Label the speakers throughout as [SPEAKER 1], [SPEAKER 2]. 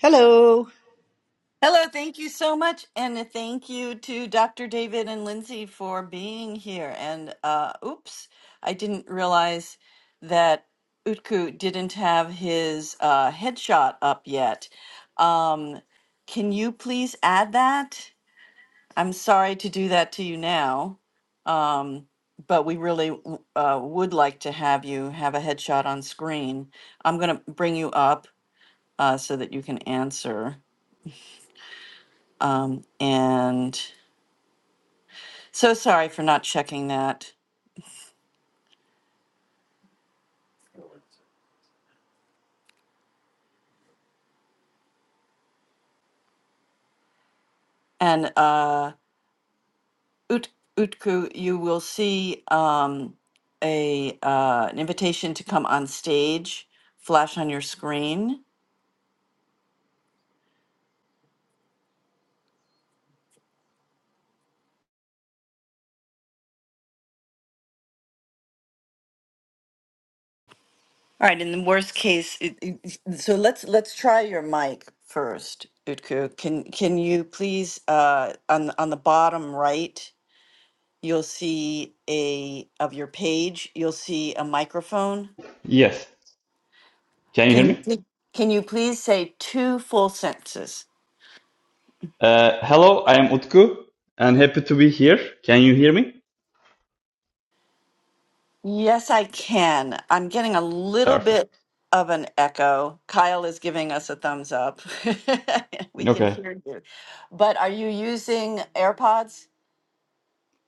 [SPEAKER 1] Hello,
[SPEAKER 2] Hello, thank you so much, and thank you to Dr. David and Lindsay for being here. And uh, oops, I didn't realize that Utku didn't have his uh, headshot up yet. Um, can you please add that? I'm sorry to do that to you now, um, but we really w- uh, would like to have you have a headshot on screen. I'm going to bring you up uh, so that you can answer. Um, and So sorry for not checking that. And uh, Ut- Utku, you will see um, a uh, an invitation to come on stage flash on your screen. All right. In the worst case, it, it- it- so let's let's try your mic first, Utku. Can can you please uh, on the- on the bottom right? You'll see a of your page. You'll see a microphone.
[SPEAKER 3] Yes. Can you hear
[SPEAKER 2] Can you
[SPEAKER 3] me?
[SPEAKER 2] pl- can you please say two full sentences?
[SPEAKER 3] Uh, hello, I am Utku and happy to be here. Can you hear me?
[SPEAKER 2] Yes, I can. I'm getting a little
[SPEAKER 3] Perfect.
[SPEAKER 2] bit of an echo. Kyle is giving us a thumbs up. We can
[SPEAKER 3] Okay.
[SPEAKER 2] hear you. But are you using AirPods?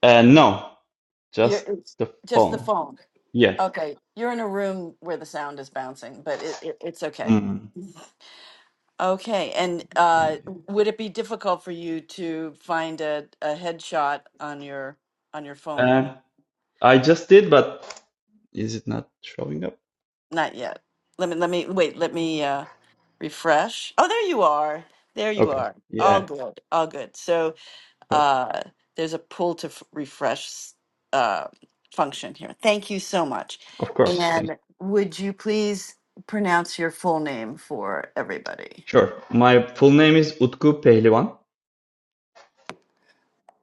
[SPEAKER 3] Uh, no,
[SPEAKER 2] You're,
[SPEAKER 3] just
[SPEAKER 2] it's
[SPEAKER 3] the
[SPEAKER 2] just the
[SPEAKER 3] phone.
[SPEAKER 2] phone.
[SPEAKER 3] Yes.
[SPEAKER 2] Okay. You're in a room where the sound is bouncing, but it, it, it's okay.
[SPEAKER 3] Mm,
[SPEAKER 2] Okay. And
[SPEAKER 3] Okay.
[SPEAKER 2] uh, would it be difficult for you to find a, a headshot on your on your phone and
[SPEAKER 3] Uh, I just did, but is it not showing up?
[SPEAKER 2] Not yet. Let me let me wait, let me uh refresh. Oh, there you are. There you
[SPEAKER 3] Okay.
[SPEAKER 2] are. All
[SPEAKER 3] Yeah.
[SPEAKER 2] good. All good. So,
[SPEAKER 3] Perfect.
[SPEAKER 2] uh there's a pull to f- refresh uh function here. Thank you so much.
[SPEAKER 3] Of course. Thank you.
[SPEAKER 2] And would you please pronounce your full name for everybody?
[SPEAKER 3] Sure. My full name is Utku Pehlivan.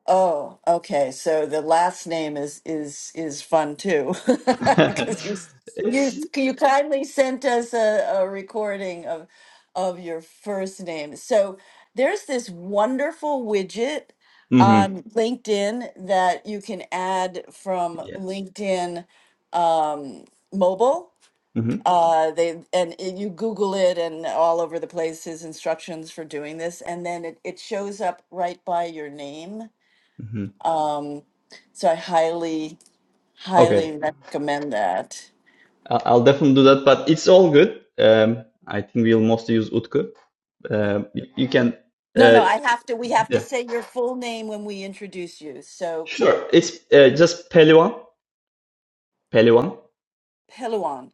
[SPEAKER 2] Oh, okay. So the last name is is is fun too, because you
[SPEAKER 3] it's.
[SPEAKER 2] you you kindly sent us a, a recording of of your first name. So there's this wonderful widget
[SPEAKER 3] hmm
[SPEAKER 2] on LinkedIn that you can add from
[SPEAKER 3] Yeah.
[SPEAKER 2] LinkedIn um, mobile.
[SPEAKER 3] hmm
[SPEAKER 2] Uh, they and it, you Google it, and all over the place is instructions for doing this, and then it, it shows up right by your name
[SPEAKER 3] hmm
[SPEAKER 2] um, so I highly,
[SPEAKER 3] Okay.
[SPEAKER 2] highly recommend that.
[SPEAKER 3] I- I'll definitely do that, but it's all good. Um, I think we'll mostly use Utku. Um, you, you can,
[SPEAKER 2] No,
[SPEAKER 3] uh,
[SPEAKER 2] no, I have to. We have to
[SPEAKER 3] yeah,
[SPEAKER 2] say your full name when we introduce you. So
[SPEAKER 3] sure. It's uh, just Pelivan. Pelivan.
[SPEAKER 2] Peluan,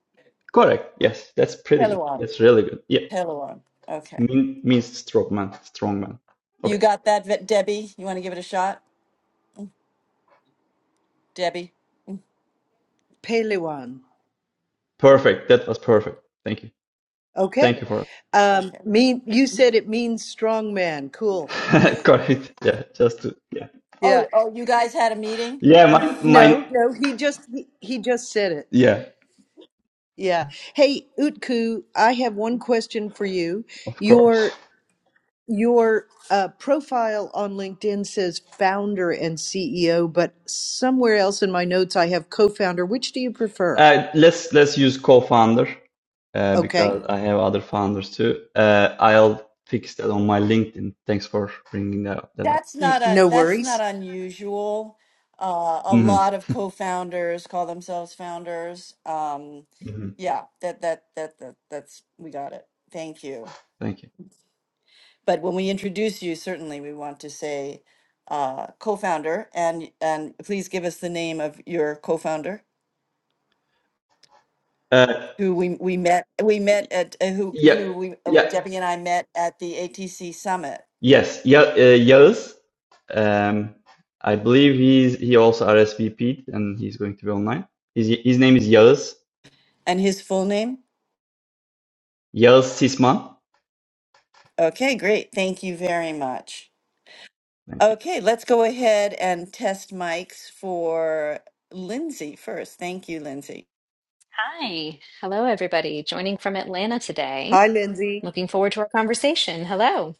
[SPEAKER 3] Correct. Yes, that's pretty good.
[SPEAKER 2] Peluan,
[SPEAKER 3] That's really good. Yeah,
[SPEAKER 2] Peluan. Okay,
[SPEAKER 3] mean, means strong man, strong man. Okay,
[SPEAKER 2] you got that, Ve- Debbie? You want to give it a shot, Debbie?
[SPEAKER 1] Pelewan.
[SPEAKER 3] perfect. That was perfect. Thank you. Thank
[SPEAKER 1] Okay.
[SPEAKER 3] you
[SPEAKER 2] Peluan.
[SPEAKER 3] for
[SPEAKER 1] Um,
[SPEAKER 2] Okay.
[SPEAKER 1] mean you said it means strong man. Cool.
[SPEAKER 3] correct. Yeah, just to yeah,
[SPEAKER 1] Yeah.
[SPEAKER 2] Oh, oh, you guys had a meeting.
[SPEAKER 3] yeah. Mine, mine.
[SPEAKER 1] No, no, he just he, he just said it.
[SPEAKER 3] Yeah,
[SPEAKER 1] Yeah. Hey, Utku, I have one question for you.
[SPEAKER 3] of course.
[SPEAKER 1] Your your uh, profile on LinkedIn says founder and CEO, but somewhere else in my notes I have co-founder. Which do you prefer?
[SPEAKER 3] Uh, let's let's use co-founder. uh,
[SPEAKER 1] Okay.
[SPEAKER 3] because I have other founders too. Uh, I'll fix that on my LinkedIn. Thanks for bringing that up. That up.
[SPEAKER 2] That's
[SPEAKER 1] N-
[SPEAKER 2] not un
[SPEAKER 1] no
[SPEAKER 2] that's not
[SPEAKER 1] worries.
[SPEAKER 2] unusual. Uh, a
[SPEAKER 3] hmm
[SPEAKER 2] lot of co-founders call themselves founders. Um,
[SPEAKER 3] hmm
[SPEAKER 2] yeah, that, that that that that's we got it. Thank you.
[SPEAKER 3] Thank you.
[SPEAKER 2] But when we introduce you, certainly we want to say uh, co-founder and and please give us the name of your co-founder
[SPEAKER 3] Uh,
[SPEAKER 2] who we we met we met at uh, who
[SPEAKER 3] yeah,
[SPEAKER 2] who we uh,
[SPEAKER 3] yeah,
[SPEAKER 2] Debbie and I met at the ATC summit
[SPEAKER 3] yes, yeah, uh, Yağız. Um, I believe he's he also RSVP'd and he's going to be online. His his name is Yağız.
[SPEAKER 2] and his full name.
[SPEAKER 3] Yağız Sisman.
[SPEAKER 2] Okay, great. Thank you very much.
[SPEAKER 3] Thank you.
[SPEAKER 2] Okay, let's go ahead and test mics for Lindsay first. Thank you, Lindsay.
[SPEAKER 4] Hi. Hello, everybody. Joining from Atlanta today.
[SPEAKER 1] Hi, Lindsay.
[SPEAKER 4] Looking forward to our conversation. Hello.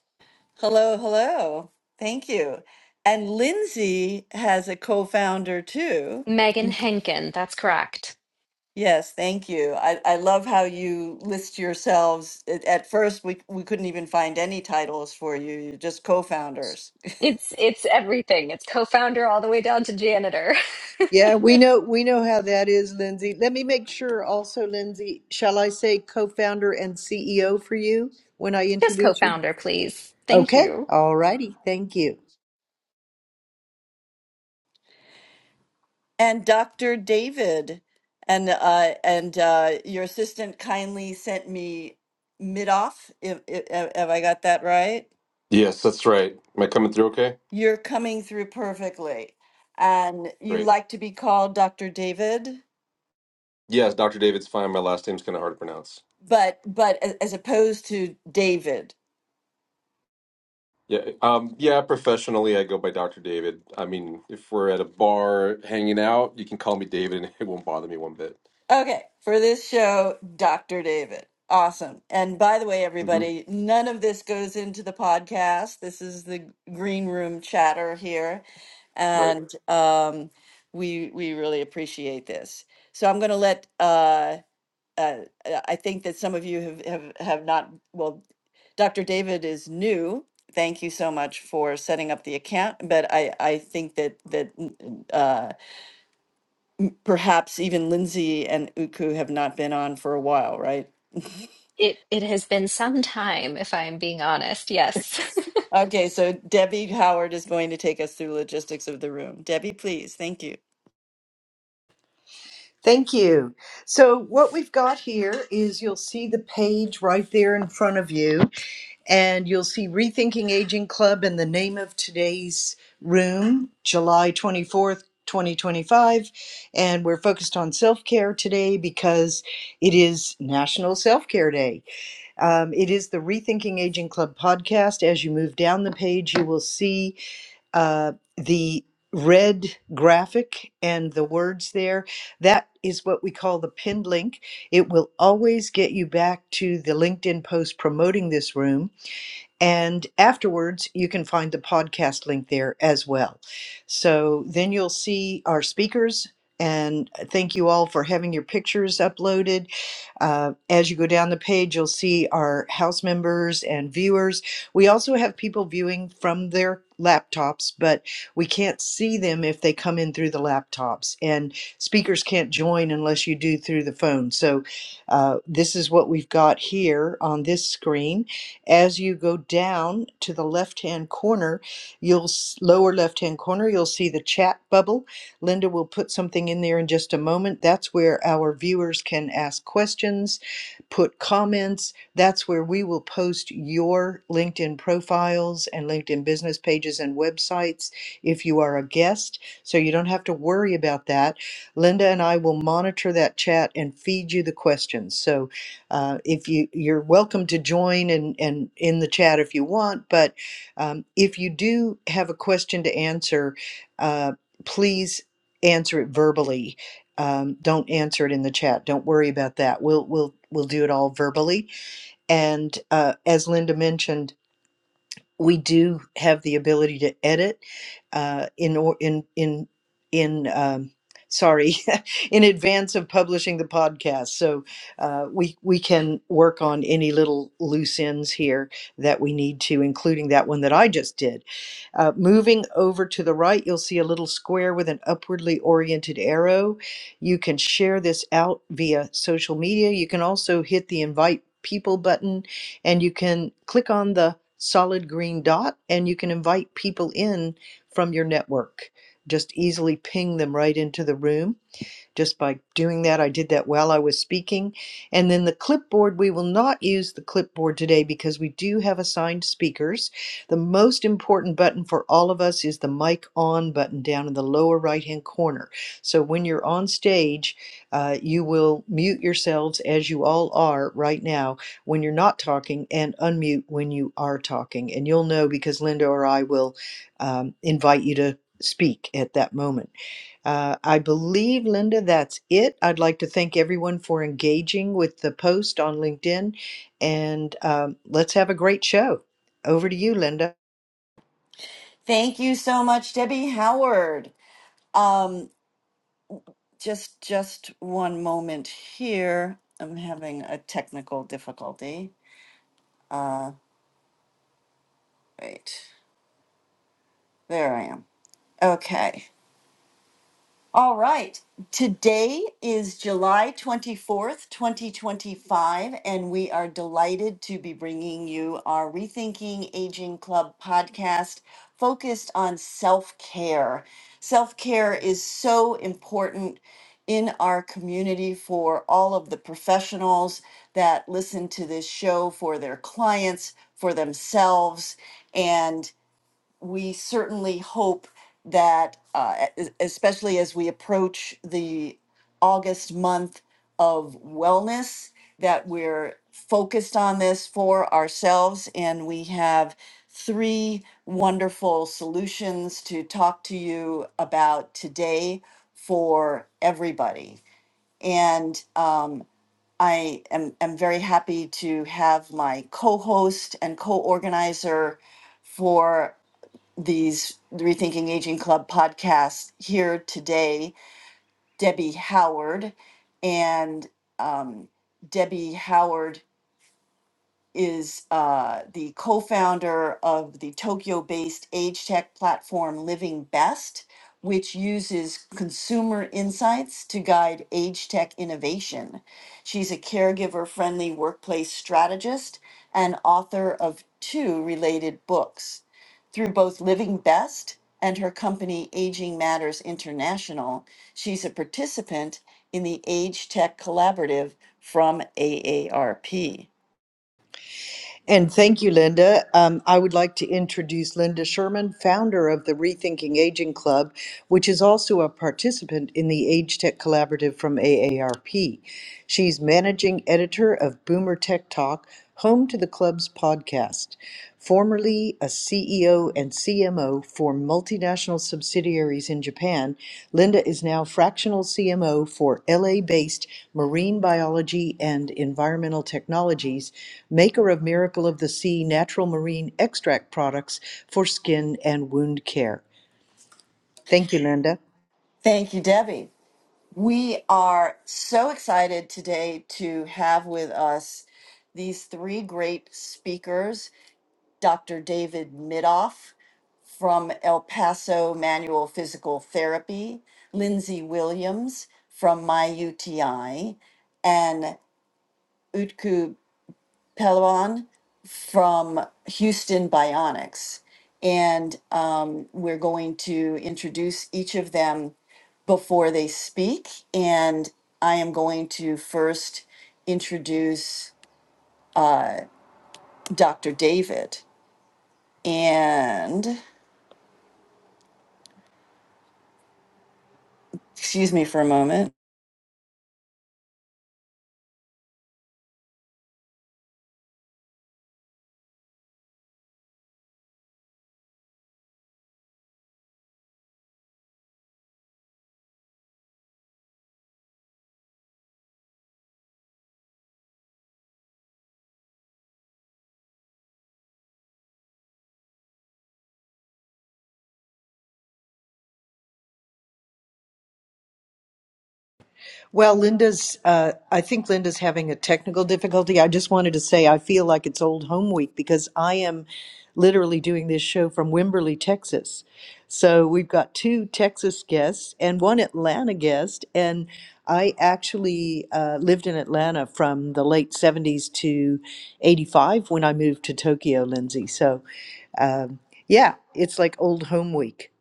[SPEAKER 2] Hello, hello. Thank you. And Lindsay has a co-founder too.
[SPEAKER 4] Megan Henkin. That's correct.
[SPEAKER 2] Yes, thank you. I, I love how you list yourselves. At at first, we, we couldn't even find any titles for you, you're just co-founders.
[SPEAKER 4] It's it's everything. It's co-founder all the way down to janitor.
[SPEAKER 1] Yeah, we know we know how that is, Lindsay. Let me make sure also, Lindsay, shall I say co-founder and CEO for you when I
[SPEAKER 4] Just
[SPEAKER 1] introduce you?
[SPEAKER 4] co-founder, please. Thank
[SPEAKER 1] Okay.
[SPEAKER 4] you.
[SPEAKER 1] All righty. Thank you.
[SPEAKER 2] And Dr. David and uh, and uh, your assistant kindly sent me Midoff. If, if, have I got that right?
[SPEAKER 5] Yes, that's right. Am I coming through okay?
[SPEAKER 2] You're coming through perfectly. And you
[SPEAKER 5] Great.
[SPEAKER 2] like to be called Dr. David,
[SPEAKER 5] Yes, Dr. David's fine. My last name's kind of hard to pronounce.
[SPEAKER 2] but but a- as opposed to David.
[SPEAKER 5] Yeah, um, yeah, professionally, I go by Dr. David. I mean, if we're at a bar hanging out, you can call me David and it won't bother me one bit.
[SPEAKER 2] Okay, for this show, Dr. David. Awesome. And by the way,
[SPEAKER 5] hmm
[SPEAKER 2] everybody, none of this goes into the podcast. This is the green room chatter here.
[SPEAKER 5] Right.
[SPEAKER 2] And um, we we really appreciate this. So I'm going to let uh, uh, uh, I think that some of you have, have, have not, well, Dr. David is new. Thank you so much for setting up the account. But I, I think that, that n- uh, perhaps even Lindsay and Uku have not been on for a while, right?
[SPEAKER 4] It it has been some time, if I am being honest. Yes.
[SPEAKER 2] Yes. Okay, so Debbie Howard is going to take us through logistics of the room. Debbie, please. Thank you.
[SPEAKER 1] Thank you. So what we've got here is you'll see the page right there in front of you, and you'll see Rethinking Aging Club and the name of today's room, July 24th, 2025. And we're focused on self-care today because it is National Self-Care Day. Um, it is the Rethinking Aging Club podcast. As you move down the page, you will see uh, the red graphic and the words there. That is what we call the pinned link. It will always get you back to the LinkedIn post promoting this room and afterwards, you can find the podcast link there as well. So then you'll see our speakers. And uh, thank you all for having your pictures uploaded. Uh, as you go down the page, you'll see our house members and viewers. We also have people viewing from their laptops, but we can't see them if they come in through the laptops. And speakers can't join unless you do through the phone. So uh, this is what we've got here on this screen as you go down to the left-hand corner, you'll s- lower left-hand corner, you'll see the chat bubble. Linda will put something in there in just a moment. That's where our viewers can ask questions, put comments. That's where we will post your LinkedIn profiles and LinkedIn business pages and websites if you are a guest. So you don't have to worry about that. Linda and I will monitor that chat and feed you the questions. So uh, if you you're welcome to join and and in the chat if you want, but um, if you do have a question to answer, uh, please answer it verbally. Um, don't answer it in the chat. Don't worry about that. We'll we'll we'll do it all verbally. And uh, as Linda mentioned we do have the ability to edit uh, in or in in in um, sorry in advance of publishing the podcast so uh, we we can work on any little loose ends here that we need to including that one that i just did uh, moving over to the right you'll see a little square with an upwardly oriented arrow you can share this out via social media you can also hit the invite people button and you can click on the solid green dot and you can invite people in from your network. Just easily ping them right into the room just by doing that. I did that while I was speaking. And then the clipboard, we will not use the clipboard today because we do have assigned speakers. The most important button for all of us is the mic on button down in the lower right hand corner. So when you're on stage, uh, you will mute yourselves as you all are right now when you're not talking and unmute when you are talking. And you'll know because Linda or I will um, invite you to speak at that moment. Uh, I believe, Linda, that's it. I'd like to thank everyone for engaging with the post on LinkedIn, and um, let's have a great show. Over to you, Linda.
[SPEAKER 2] Thank you so much, Debbie Howard. Um, just just one moment here. I'm having a technical difficulty. Wait, there I am. Okay. All right. Today is July 24th, 2025, and we are delighted to be bringing you our Rethinking Aging Club podcast focused on self care. Self care is so important in our community for all of the professionals that listen to this show, for their clients, for themselves. And we certainly hope that, uh, e- especially as we approach the August month of wellness, that we're focused on this for ourselves. And we have three wonderful solutions to talk to you about today for everybody. And um, I am, am very happy to have my co host and co organizer for these the Rethinking Aging Club podcasts here today, Debbie Howard. And um, Debbie Howard is uh, the co-founder of the Tokyo-based age tech platform Living Best, which uses consumer insights to guide age tech innovation. She's a caregiver-friendly workplace strategist and author of two related books. Through both Living Best and her company Aging Matters International, she's a participant in the Age Tech Collaborative from AARP.
[SPEAKER 1] And thank you, Linda. Um, I would like to introduce Linda Sherman, founder of the Rethinking Aging Club, which is also a participant in the Age Tech Collaborative from AARP. She's managing editor of Boomer Tech Talk, home to the club's podcast. Formerly a CEO and CMO for multinational subsidiaries in Japan, Linda is now fractional CMO for LA-based Marine Biology and Environmental Technologies, maker of Miracle of the Sea natural marine extract products for skin and wound care. Thank you, Linda.
[SPEAKER 2] Thank you, Debbie. We are so excited today to have with us these three great speakers Dr. David Midoff from El Paso Manual Physical Therapy, Lindsay Williams from MyUTI, and Utku Palawan from Houston Bionics. And um, we're going to introduce each of them before they speak. And I am going to first introduce uh, Dr. David. And excuse me for a moment.
[SPEAKER 1] Well, Linda's, uh, I think Linda's having a technical difficulty. I just wanted to say I feel like it's old home week because I am literally doing this show from Wimberley, Texas. So we've got two Texas guests and one Atlanta guest. And I actually uh, lived in Atlanta from the late 70s to 85 when I moved to Tokyo, Lindsay. So um, yeah, it's like old home week.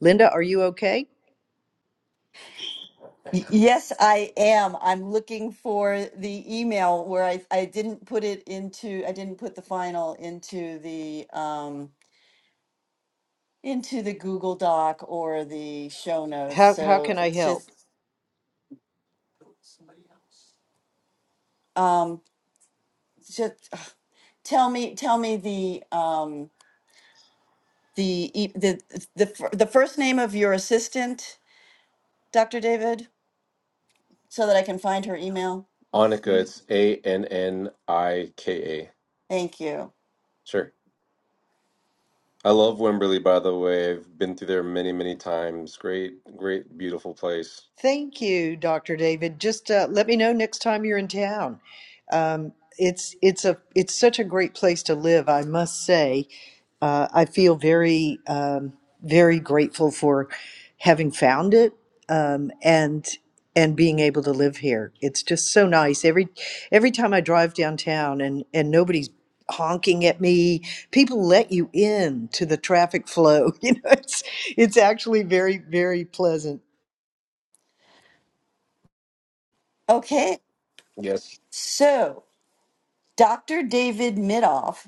[SPEAKER 1] Linda, are you okay?
[SPEAKER 2] Y- Yes, I am. I'm looking for the email where I, I didn't put it into, I didn't put the final into the um, into the Google Doc or the show notes.
[SPEAKER 1] How, how
[SPEAKER 2] So
[SPEAKER 1] can I
[SPEAKER 2] it's
[SPEAKER 1] help?
[SPEAKER 2] just um just ugh, tell me tell me the um the e- the the fir- the first name of your assistant, Dr. David, so that I can find her email.
[SPEAKER 5] Annika, it's A N N I K A.
[SPEAKER 2] Thank you.
[SPEAKER 5] Sure. I love Wimberley, by the way. I've been through there many, many times. Great, great, beautiful place.
[SPEAKER 1] Thank you, Dr. David. Just uh, let me know next time you're in town. Um, it's it's a it's such a great place to live, I must say. Uh, I feel very um, very grateful for having found it um, and and being able to live here. It's just so nice. Every every time I drive downtown and and nobody's honking at me, people let you in to the traffic flow. You know, it's it's actually very very pleasant
[SPEAKER 2] Okay.
[SPEAKER 5] Yes.
[SPEAKER 2] So, Dr. David Midoff,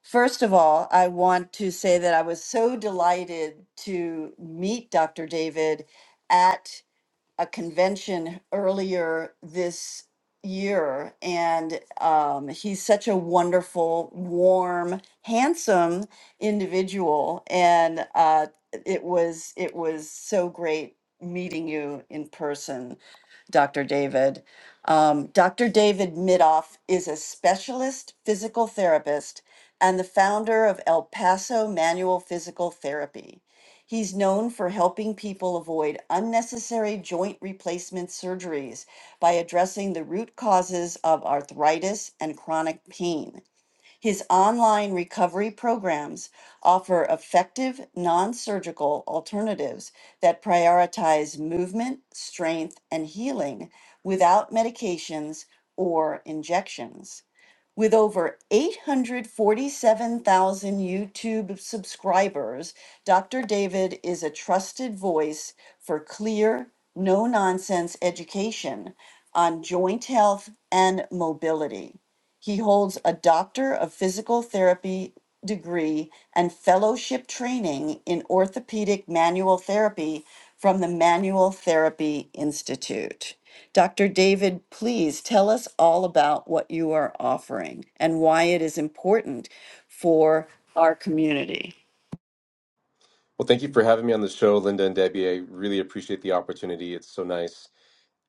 [SPEAKER 2] first of all, I want to say that I was so delighted to meet Dr. David at. a convention earlier this year and um, he's such a wonderful warm handsome individual and uh, it was it was so great meeting you in person dr david um, dr david midoff is a specialist physical therapist and the founder of el paso manual physical therapy He's known for helping people avoid unnecessary joint replacement surgeries by addressing the root causes of arthritis and chronic pain. His online recovery programs offer effective, non surgical alternatives that prioritize movement, strength, and healing without medications or injections. With over 847,000 YouTube subscribers, Dr. David is a trusted voice for clear, no nonsense education on joint health and mobility. He holds a Doctor of Physical Therapy degree and fellowship training in orthopedic manual therapy from the Manual Therapy Institute. Dr. David, please tell us all about what you are offering and why it is important for our community.
[SPEAKER 5] Well, thank you for having me on the show, Linda and Debbie. I really appreciate the opportunity. It's so nice.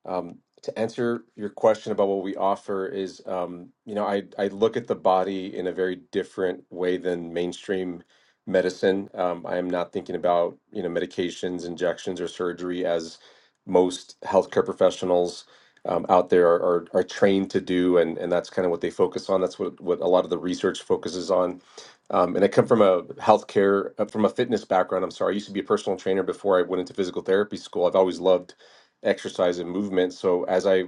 [SPEAKER 5] Um, to answer your question about what we offer is, um, you know, I I look at the body in a very different way than mainstream medicine. Um, I am not thinking about, you know, medications, injections, or surgery as most healthcare professionals um, out there are, are are trained to do, and and that's kind of what they focus on. That's what what a lot of the research focuses on. Um, and I come from a healthcare, uh, from a fitness background. I'm sorry, I used to be a personal trainer before I went into physical therapy school. I've always loved exercise and movement. So as I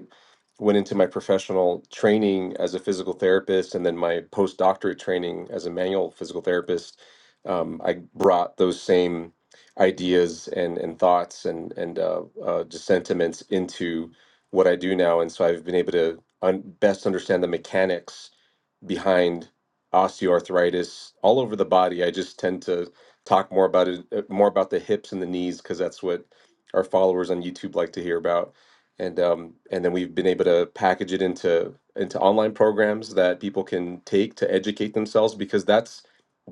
[SPEAKER 5] went into my professional training as a physical therapist and then my postdoctorate training as a manual physical therapist, um, I brought those same ideas and, and thoughts and, and uh, uh, just sentiments into what I do now. And so I've been able to un- best understand the mechanics behind osteoarthritis all over the body. I just tend to talk more about it, uh, more about the hips and the knees, because that's what our followers on YouTube like to hear about. And um, and then we've been able to package it into into online programs that people can take to educate themselves, because that's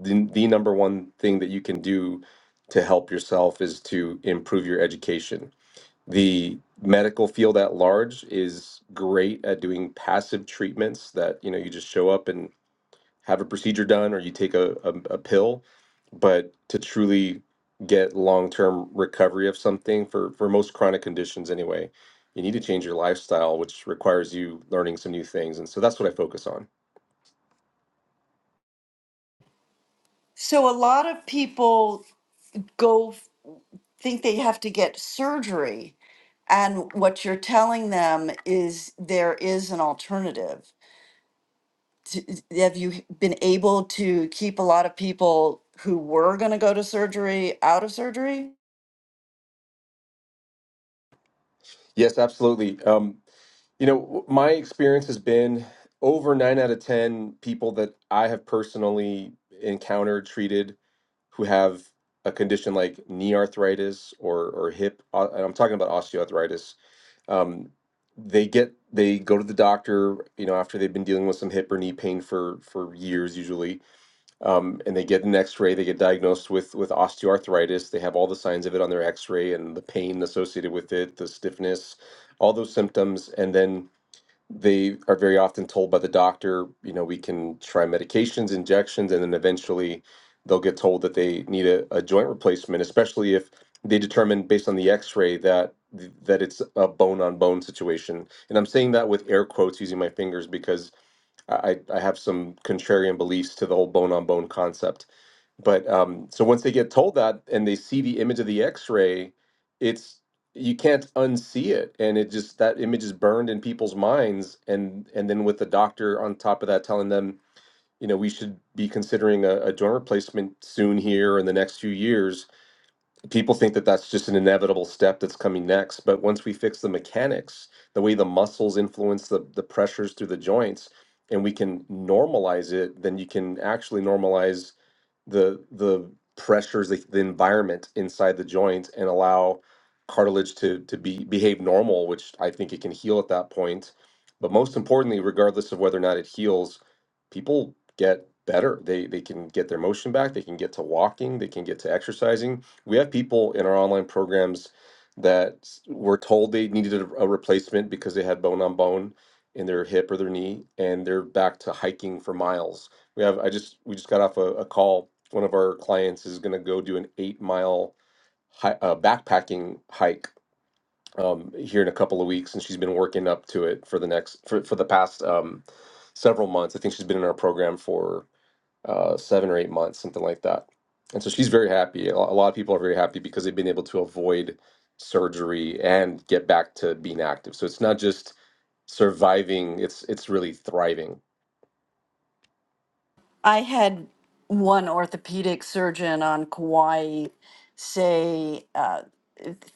[SPEAKER 5] the, the number one thing that you can do to help yourself is to improve your education. The medical field at large is great at doing passive treatments that you know you just show up and have a procedure done or you take a, a, a pill but to truly get long-term recovery of something for for most chronic conditions anyway you need to change your lifestyle which requires you learning some new things and so that's what i focus on
[SPEAKER 2] So a lot of people go think they have to get surgery. And what you're telling them is there is an alternative. T- Have you been able to keep a lot of people who were going to go to surgery out of surgery?
[SPEAKER 5] yes absolutely um, you know w- my experience has been over 9 out of 10 people that i have personally encountered treated who have a condition like knee arthritis or or hip au- and i'm talking about osteoarthritis um, they get they go to the doctor you know after they've been dealing with some hip or knee pain for for years usually um, and they get an x-ray they get diagnosed with with osteoarthritis they have all the signs of it on their x-ray and the pain associated with it the stiffness all those symptoms and then they are very often told by the doctor, you know, we can try medications, injections, and then eventually they'll get told that they need a, a joint replacement, especially if they determine based on the x-ray that that it's a bone on bone situation. And I'm saying that with air quotes using my fingers because I I have some contrarian beliefs to the whole bone on bone concept but um, so once they get told that and they see the image of the x-ray it's you can't unsee it and it just that image is burned in people's minds and and then with the doctor on top of that telling them you know we should be considering a, a joint replacement soon here in the next few years people think that that's just an inevitable step that's coming next but once we fix the mechanics the way the muscles influence the, the pressures through the joints and we can normalize it then you can actually normalize the the pressures, the, the environment inside the joint, and allow cartilage to to be behave normal, which I think it can heal at that point. But most importantly, regardless of whether or not it heals, people get better. They they can get their motion back. They can get to walking. They can get to exercising. We have people in our online programs that s- were told they needed a, a replacement because they had bone on bone in their hip or their knee, and they're back to hiking for miles we have I just we just got off a, a call. One of our clients is going to go do an eight mile hi, uh, backpacking hike um, here in a couple of weeks, and she's been working up to it for the next for for the past um, several months. I think she's been in our program for uh, seven or eight months, something like that. And so she's very happy. A lo- a lot of people are very happy because they've been able to avoid surgery and get back to being active. So it's not just surviving; it's it's really thriving
[SPEAKER 2] I had one orthopedic surgeon on Kauai say, uh,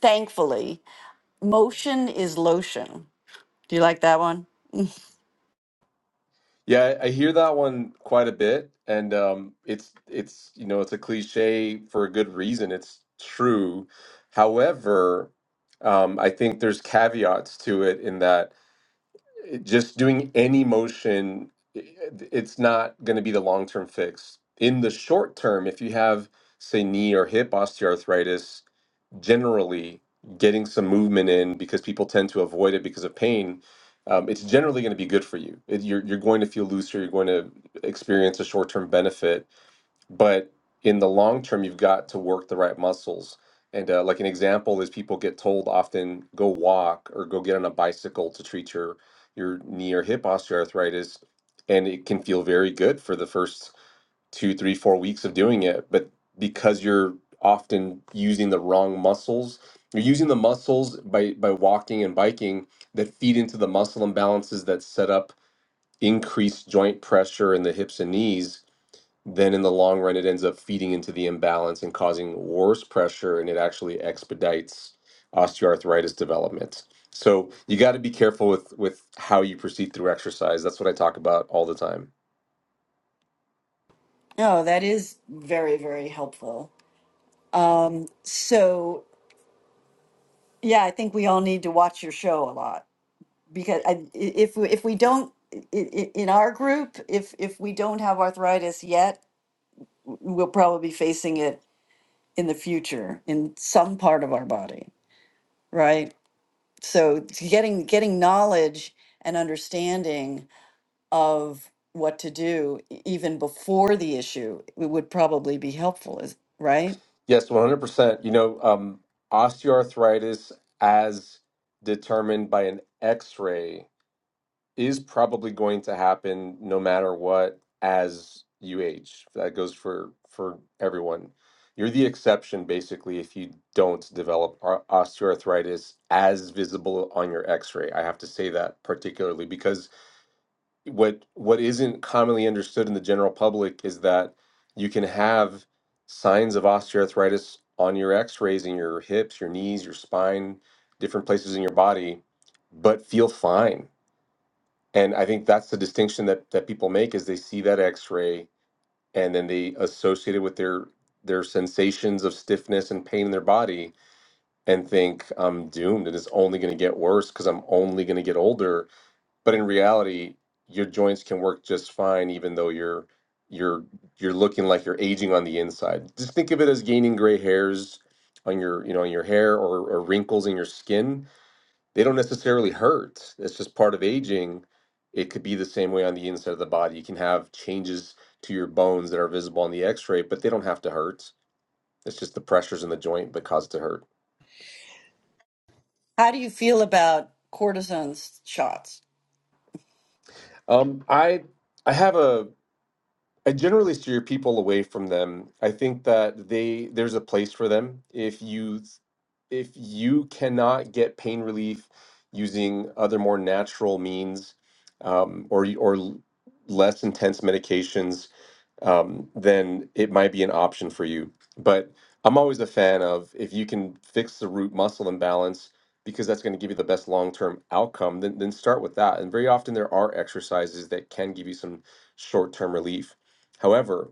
[SPEAKER 2] thankfully, motion is lotion. Do you like that one?
[SPEAKER 5] Yeah, I I hear that one quite a bit, and um, it's it's you know it's a cliche for a good reason. It's true. However, um, I think there's caveats to it in that it- just doing any motion, it- it's not going to be the long term fix. In the short term, if you have say knee or hip osteoarthritis, generally getting some movement in because people tend to avoid it because of pain, um, it's generally going to be good for you. It, you're, you're going to feel looser, you're going to experience a short term benefit. But in the long term, you've got to work the right muscles. And uh, like an example is people get told often go walk or go get on a bicycle to treat your your knee or hip osteoarthritis, and it can feel very good for the first two, three, four weeks of doing it. But because you're often using the wrong muscles, you're using the muscles by by walking and biking that feed into the muscle imbalances that set up increased joint pressure in the hips and knees then in the long run it ends up feeding into the imbalance and causing worse pressure and it actually expedites osteoarthritis development so you got to be careful with with how you proceed through exercise that's what i talk about all the time
[SPEAKER 2] Oh, that is very, very helpful. Um, so, yeah, I think we all need to watch your show a lot because I, if we, if we don't i- i- in our group, if if we don't have arthritis yet, we'll probably be facing it in the future in some part of our body, right? so it's getting getting knowledge and understanding of what to do e- even before the issue w- would probably be helpful is right
[SPEAKER 5] Yes, 100%. You know, um, osteoarthritis as determined by an x-ray is probably going to happen no matter what as you age. That goes for for everyone. You're the exception basically if you don't develop osteoarthritis as visible on your x-ray. I have to say that particularly because what what isn't commonly understood in the general public is that you can have signs of osteoarthritis on your x-rays in your hips, your knees, your spine, different places in your body, but feel fine and I think that's the distinction that that people make is they see that X-ray and then they associate it with their their sensations of stiffness and pain in their body and think I'm doomed. It is only going to get worse because I'm only going to get older. But in reality, your joints can work just fine, even though you're you're you're looking like you're aging on the inside. Just think of it as gaining gray hairs on your you know on your hair or, or wrinkles in your skin they don't necessarily hurt. It's just part of aging. It could be the same way on the inside of the body. You can have changes to your bones that are visible on the x-ray, but they don't have to hurt. It's just the pressures in the joint that cause it to hurt.
[SPEAKER 2] how do you feel about cortisone s- shots
[SPEAKER 5] Um, I I have a I generally steer people away from them. I think that they there's a place for them. If you if you cannot get pain relief using other more natural means um, or y- or l- less intense medications, um, then it might be an option for you. But I'm always a fan of if you can fix the root muscle imbalance because that's going to give you the best long-term outcome, then then start with that. And very often there are exercises that can give you some short-term relief However,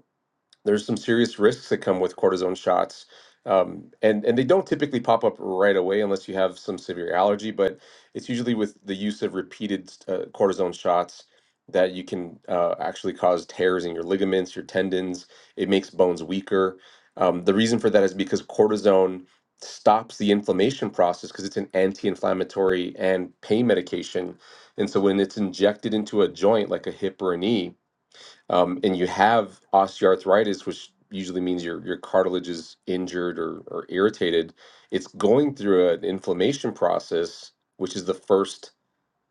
[SPEAKER 5] there's some serious risks that come with cortisone shots. Um, and, and they don't typically pop up right away unless you have some severe allergy, but it's usually with the use of repeated uh, cortisone shots that you can uh, actually cause tears in your ligaments, your tendons. It makes bones weaker. Um, the reason for that is because cortisone stops the inflammation process because it's an anti inflammatory and pain medication. And so when it's injected into a joint like a hip or a knee, um, and you have osteoarthritis, which usually means your your cartilage is injured or, or irritated, it's going through an inflammation process, which is the first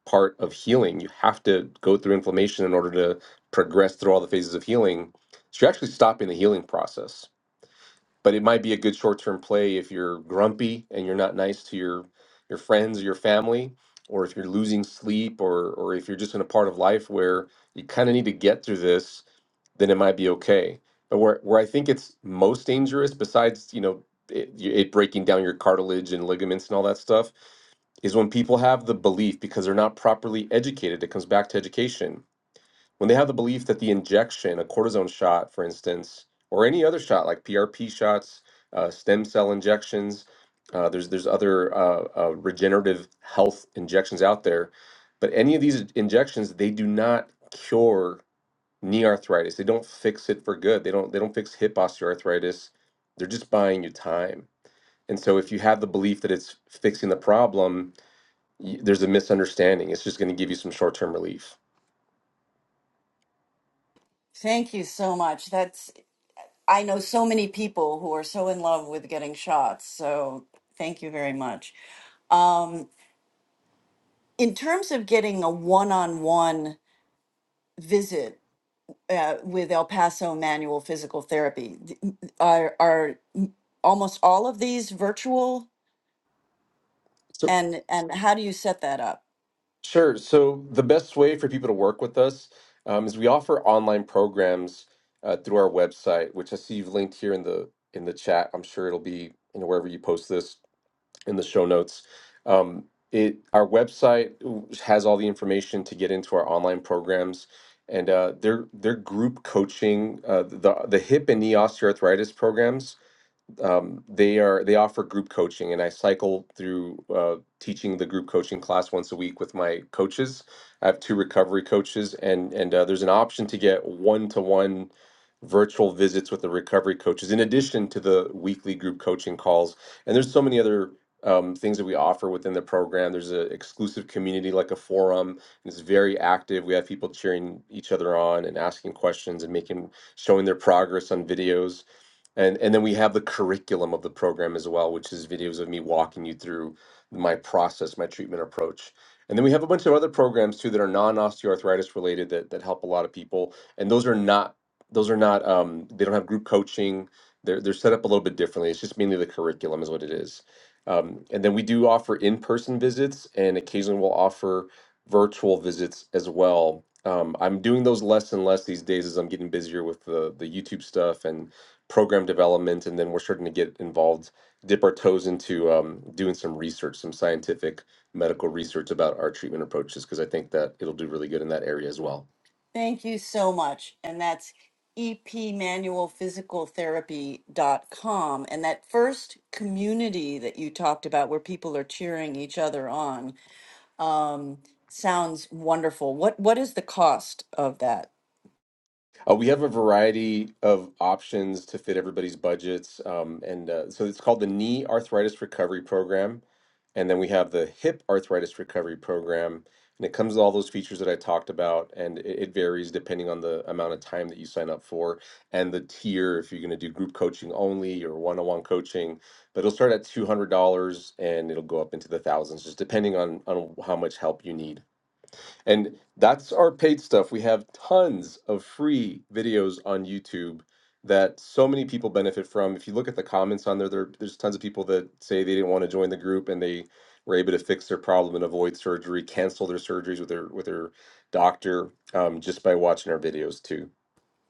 [SPEAKER 5] part of healing. You have to go through inflammation in order to progress through all the phases of healing. So you're actually stopping the healing process. But it might be a good short term play if you're grumpy and you're not nice to your your friends or your family, or if you're losing sleep, or or if you're just in a part of life where you kind of need to get through this then it might be okay. But where where I think it's most dangerous, besides you know it, it breaking down your cartilage and ligaments and all that stuff, is when people have the belief because they're not properly educated. It comes back to education. When they have the belief that the injection, a cortisone shot, for instance, or any other shot like PRP shots, uh, stem cell injections, uh, there's there's other uh, uh, regenerative health injections out there, but any of these injections they do not cure knee arthritis. They don't fix it for good. They don't they don't fix hip osteoarthritis. They're just buying you time. And so if you have the belief that it's fixing the problem, y there's a misunderstanding. It's just going to give you some short-term relief.
[SPEAKER 2] thank you so much that's i know so many people who are so in love with getting shots so thank you very much um, in terms of getting a one-on-one visit uh, with el paso manual physical therapy th- are are almost all of these virtual
[SPEAKER 5] So
[SPEAKER 2] and and how do you set that up
[SPEAKER 5] sure. So the best way for people to work with us um, is we offer online programs uh, through our website, which I see you've linked here in the in the chat. I'm sure it'll be you know wherever you post this in the show notes. Um, it our website has all the information to get into our online programs, and uh, their their group coaching, uh, the the hip and knee osteoarthritis programs um, they are they offer group coaching and i cycle through uh, teaching the group coaching class once a week with my coaches i have two recovery coaches and and uh, there's an option to get one-to-one virtual visits with the recovery coaches in addition to the weekly group coaching calls and there's so many other um, things that we offer within the program there's an exclusive community like a forum and it's very active we have people cheering each other on and asking questions and making showing their progress on videos and and then we have the curriculum of the program as well, which is videos of me walking you through my process, my treatment approach. And then we have a bunch of other programs too that are non-osteoarthritis related that that help a lot of people. And those are not those are not um, they don't have group coaching. They're they're set up a little bit differently. It's just mainly the curriculum is what it is. Um, and then we do offer in-person visits, and occasionally we'll offer virtual visits as well. Um, I'm doing those less and less these days as I'm getting busier with the the YouTube stuff and program development, and then we're starting to get involved, dip our toes into um, doing some research, some scientific medical research about our treatment approaches, because I think that it'll do really good in that area as well.
[SPEAKER 2] thank you so much and that's epmanualphysicaltherapy dot com. and that first community that you talked about where people are cheering each other on um, sounds wonderful what what is the cost of that
[SPEAKER 5] Uh, we have a variety of options to fit everybody's budgets. Um, and uh, so it's called the Knee Arthritis Recovery Program. And then we have the Hip Arthritis Recovery Program. And it comes with all those features that I talked about. And it, it varies depending on the amount of time that you sign up for and the tier, if you're going to do group coaching only or one on one coaching. But it'll start at $200 and it'll go up into the thousands, just depending on, on how much help you need. And that's our paid stuff. We have tons of free videos on YouTube that so many people benefit from. If you look at the comments on there, there there's tons of people that say they didn't want to join the group and they were able to fix their problem and avoid surgery, cancel their surgeries with their with their doctor um, just by watching our videos too.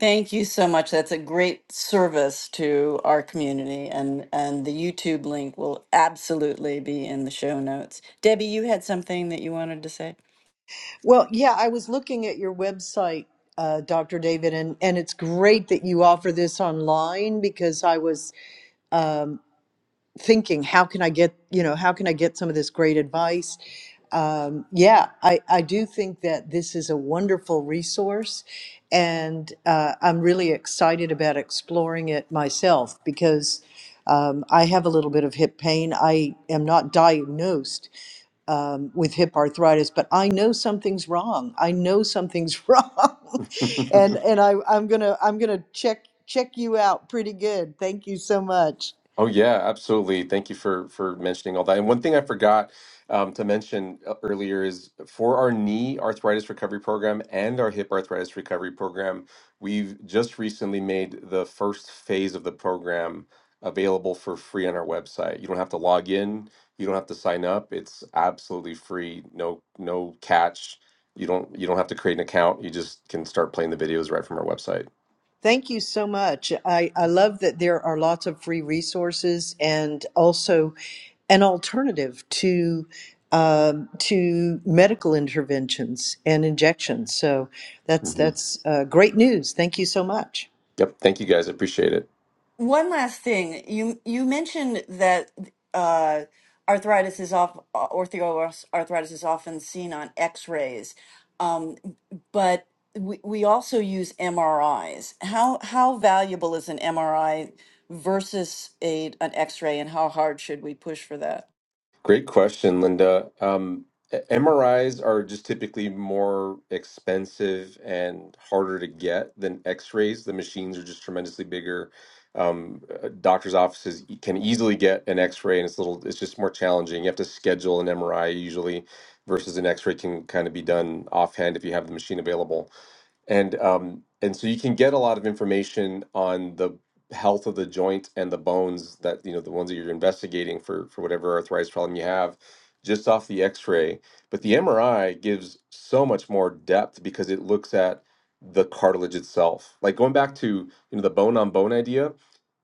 [SPEAKER 2] thank you so much that's a great service to our community and and the youtube link will absolutely be in the show notes debbie you had something that you wanted to say
[SPEAKER 1] Well, yeah, I was looking at your website, uh, Dr. David, and, and it's great that you offer this online because I was um, thinking, how can I get, you know, how can I get some of this great advice? Um, yeah, I, I do think that this is a wonderful resource, and uh, I'm really excited about exploring it myself because um, I have a little bit of hip pain. I am not diagnosed, um, with hip arthritis, but I know something's wrong. I know something's wrong, and and I I'm gonna I'm gonna check check you out pretty good. Thank you so much.
[SPEAKER 5] Oh yeah, absolutely. Thank you for for mentioning all that. And one thing I forgot um, to mention uh, earlier is for our knee arthritis recovery program and our hip arthritis recovery program, we've just recently made the first phase of the program available for free on our website. You don't have to log in, you don't have to sign up. It's absolutely free. No no catch. You don't you don't have to create an account. You just can start playing the videos right from our website.
[SPEAKER 1] Thank you so much. I I love that there are lots of free resources and also an alternative to. Um, to medical interventions and injections, so that's
[SPEAKER 5] Mhm.
[SPEAKER 1] that's uh, great news. Thank you so much.
[SPEAKER 5] Yep. Thank you guys. I appreciate it.
[SPEAKER 2] One last thing. You you mentioned that uh, arthritis is off osteoarthritis is often seen on X-rays, um, but we, we also use MRIs. How how valuable is an MRI versus a an X-ray, and how hard should we push for that?
[SPEAKER 5] Great question, Linda. Um, e- MRIs are just typically more expensive and harder to get than X-rays. The machines are just tremendously bigger. Um, uh, doctors' offices e- can easily get an X-ray, and it's little. It's just more challenging. You have to schedule an MRI usually, versus an X-ray can kind of be done offhand if you have the machine available. and um, and so you can get a lot of information on the health of the joint and the bones that you know the ones that you're investigating for for whatever arthritis problem you have just off the x-ray but the mri gives so much more depth because it looks at the cartilage itself like going back to you know the bone on bone idea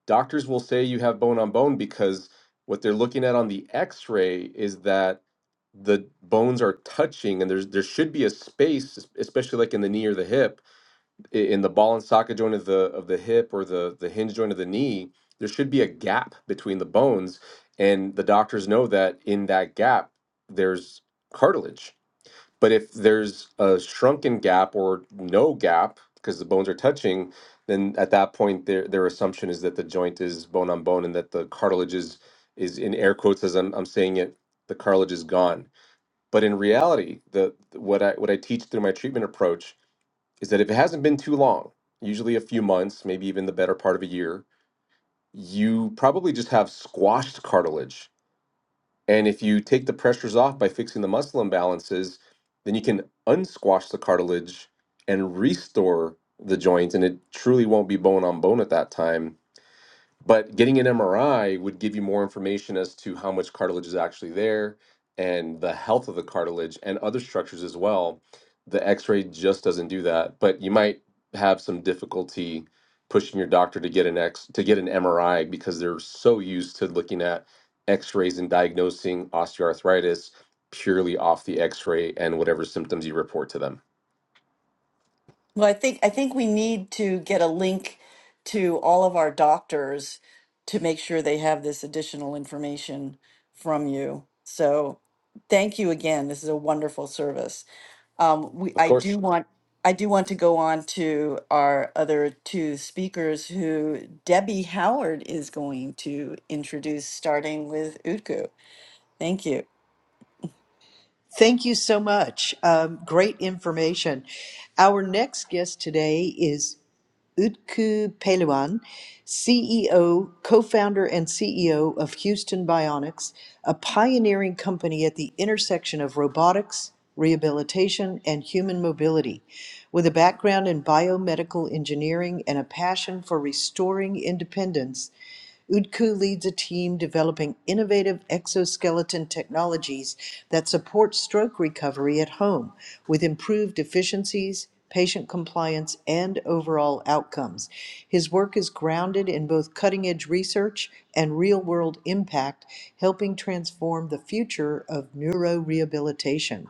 [SPEAKER 5] doctors will say you have bone on bone because what they're looking at on the x-ray is that the bones are touching and there's there should be a space es- especially like in the knee or the hip i- in the ball and socket joint of the of the hip or the the hinge joint of the knee, there should be a gap between the bones, and the doctors know that in that gap there's cartilage. But if there's a shrunken gap or no gap because the bones are touching, then at that point their their assumption is that the joint is bone on bone and that the cartilage is is in air quotes as I'm I'm saying it, the cartilage is gone. But in reality, the what I what I teach through my treatment approach is that if it hasn't been too long, usually a few months, maybe even the better part of a year, you probably just have squashed cartilage. And if you take the pressures off by fixing the muscle imbalances, then you can unsquash the cartilage and restore the joint. And it truly won't be bone on bone at that time but getting an MRI would give you more information as to how much cartilage is actually there and the health of the cartilage and other structures as well. The x ray just doesn't do that, but you might have some difficulty pushing your doctor to get an X to get an MRI because they're so used to looking at x-rays and diagnosing osteoarthritis purely off the x-ray and whatever symptoms you report to them.
[SPEAKER 2] Well, I think I think we need to get a link to all of our doctors to make sure they have this additional information from you. So, thank you again. This is a wonderful service. Um, we
[SPEAKER 5] Of
[SPEAKER 2] I
[SPEAKER 5] course,
[SPEAKER 2] do want I do want to go on to our other two speakers who Debbie Howard is going to introduce, starting with Utku. Thank you.
[SPEAKER 1] Thank you so much. Um, great information. Our next guest today is Utku Peluan, CEO, co founder, and CEO of Houston Bionics, a pioneering company at the intersection of robotics, rehabilitation, and human mobility. With a background in biomedical engineering and a passion for restoring independence, UDCU leads a team developing innovative exoskeleton technologies that support stroke recovery at home with improved efficiencies, patient compliance, and overall outcomes. His work is grounded in both cutting edge research and real world impact, helping transform the future of neurorehabilitation.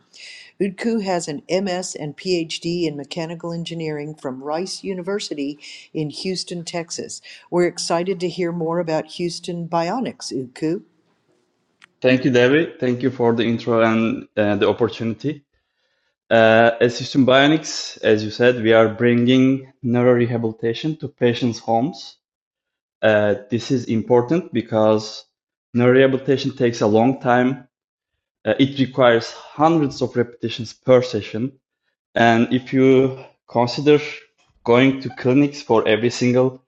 [SPEAKER 1] Udku has an MS and PhD in mechanical engineering from Rice University in Houston, Texas. We're excited to hear more about Houston Bionics, Udku.
[SPEAKER 3] Thank you, Devi. Thank you for the intro and uh, the opportunity. Uh, at System Bionics, as you said, we are bringing neurorehabilitation to patients' homes. Uh, this is important because neurorehabilitation takes a long time. Uh, it requires hundreds of repetitions per session. And if you consider going to clinics for every single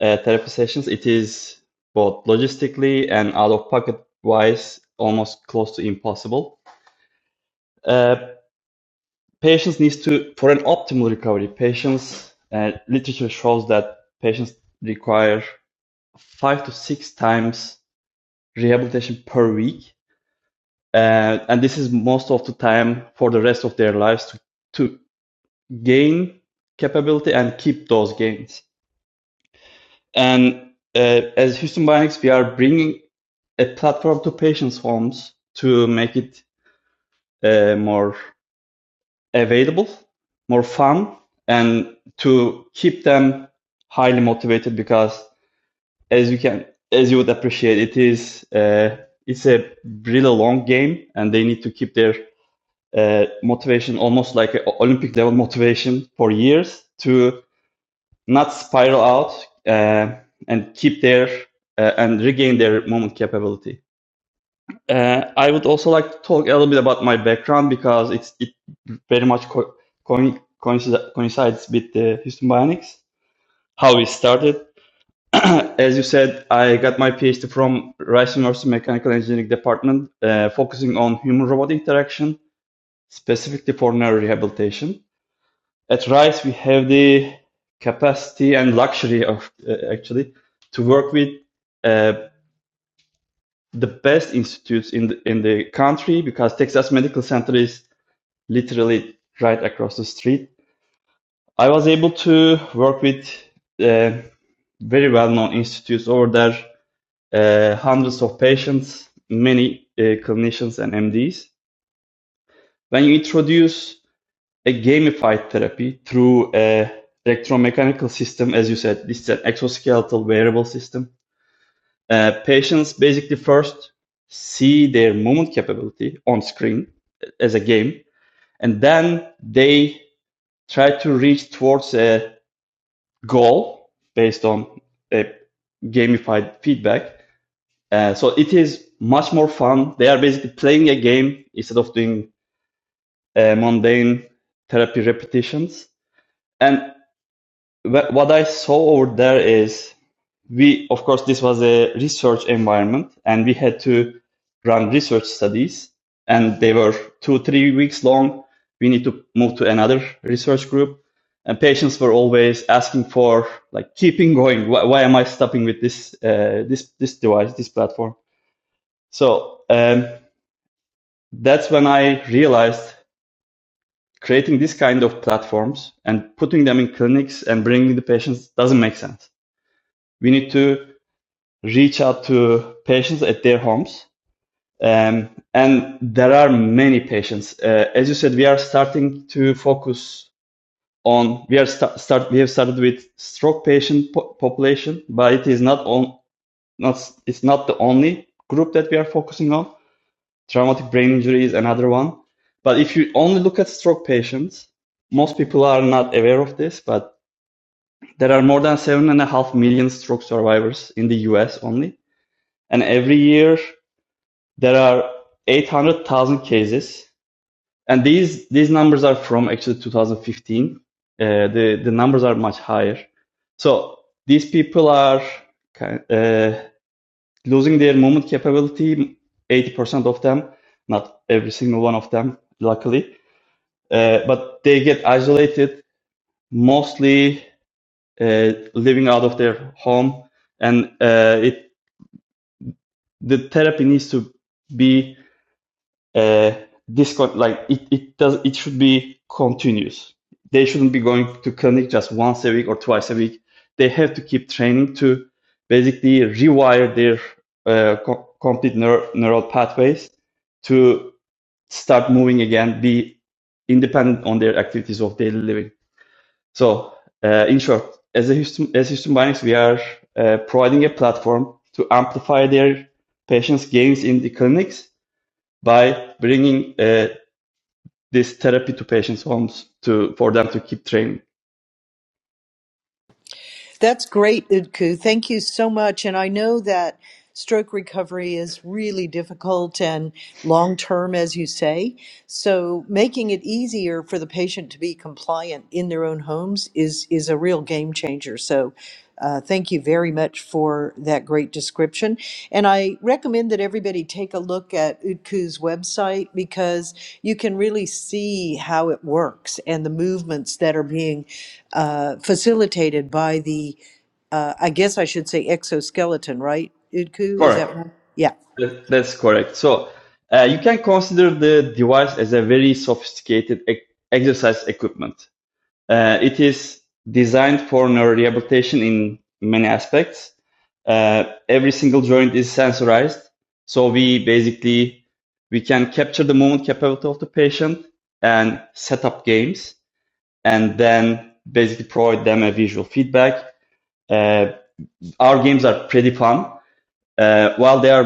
[SPEAKER 3] uh, therapy sessions, it is both logistically and out of pocket wise almost close to impossible. Uh, Patients needs to for an optimal recovery, patients uh, literature shows that patients require five to six times rehabilitation per week, uh, and this is most of the time for the rest of their lives to, to gain capability and keep those gains. And uh, as Houston Bionics, we are bringing a platform to patients' homes to make it uh, more available, more fun, and to keep them highly motivated because as you can as you would appreciate it is uh, it's a really long game and they need to keep their uh, motivation almost like a olympic level motivation for years to not spiral out uh, and keep their uh, and regain their moment capability uh, I would also like to talk a little bit about my background because it's it very much co- coin coincide- coincides with the Houston Bionics, how we started. As you said, I got my PhD from Rice University Mechanical Engineering Department, uh, focusing on human robot interaction, specifically for neurorehabilitation. At Rice, we have the capacity and luxury of uh, actually to work with uh, the best institutes in the, in the country because Texas Medical Center is literally right across the street. I was able to work with uh, very well-known institutes over there, uh, hundreds of patients, many uh, clinicians and MDs. When you introduce a gamified therapy through a electromechanical system, as you said, this is an exoskeletal wearable system. Uh, patients basically first see their movement capability on screen uh, as a game, and then they try to reach towards a goal based on a gamified feedback. Uh, so it is much more fun. They are basically playing a game instead of doing uh, mundane therapy repetitions. And wh- what I saw over there is we of course this was a research environment and we had to run research studies and they were two three weeks long we need to move to another research group and patients were always asking for like keeping going why, why am i stopping with this uh, this this device this platform so um, that's when i realized creating this kind of platforms and putting them in clinics and bringing the patients doesn't make sense we need to reach out to patients at their homes. Um, and there are many patients. Uh, as you said, we are starting to focus on we are sta- start we have started with stroke patient po- population, but it is not on not it's not the only group that we are focusing on. Traumatic brain injury is another one. But if you only look at stroke patients, most people are not aware of this, but there are more than seven and a half million stroke survivors in the US only. And every year there are 800,000 cases, and these these numbers are from actually 2015. Uh, the the numbers are much higher. So these people are uh, losing their movement capability. 80% of them, not every single one of them, luckily, uh, but they get isolated, mostly uh, living out of their home, and uh, it the therapy needs to be uh, this like it, it does it should be continuous they shouldn't be going to clinic just once a week or twice a week they have to keep training to basically rewire their uh, co- complete neur- neural pathways to start moving again be independent on their activities of daily living so uh, in short as a Houston, as Houston Bionics, we are uh, providing a platform to amplify their patients gains in the clinics by bringing uh, this therapy to patients' homes to for them to keep training.
[SPEAKER 1] That's great, Udku. Thank you so much. And I know that. stroke recovery is really difficult and long term, as you say. So, making it easier for the patient to be compliant in their own homes is, is a real game changer. So, uh, thank you very much for that great description. And I recommend that everybody take a look at UDCU's website because you can really see how it works and the movements that are being uh, facilitated by the uh, I guess I should say exoskeleton, right? Udku, is
[SPEAKER 3] Correct.
[SPEAKER 1] that right? Yeah.
[SPEAKER 3] That- That's correct. So uh, you can consider the device as a very sophisticated ec- exercise equipment. Uh, it is designed for neurorehabilitation in many aspects. Uh, every single joint is sensorized, so we basically we can capture the movement capability of the patient and set up games and then basically provide them a visual feedback. Uh, our games are pretty fun. Uh, while they are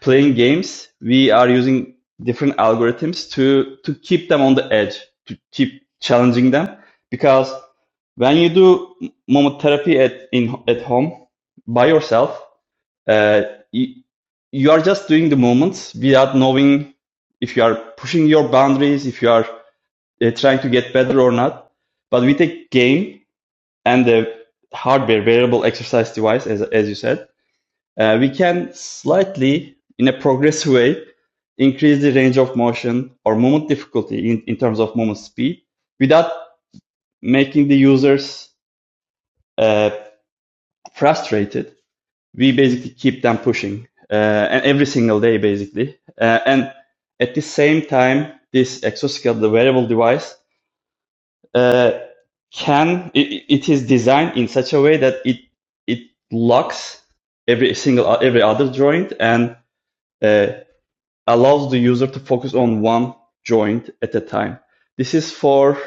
[SPEAKER 3] playing games, we are using different algorithms to to keep them on the edge, to keep challenging them. Because when you do momotherapy at in at home by yourself, uh, you, you are just doing the moments without knowing if you are pushing your boundaries, if you are uh, trying to get better or not. But with a game, and the hardware wearable exercise device, as as you said, uh, we can slightly, in a progressive way, increase the range of motion or movement difficulty in in terms of movement speed without making the users uh, frustrated. We basically keep them pushing uh, and every single day, basically. Uh, And at the same time, this exoskeleton, the wearable device, uh, can it, it is designed in such a way that it it locks every single every other joint and uh, allows the user to focus on one joint at a time. This is for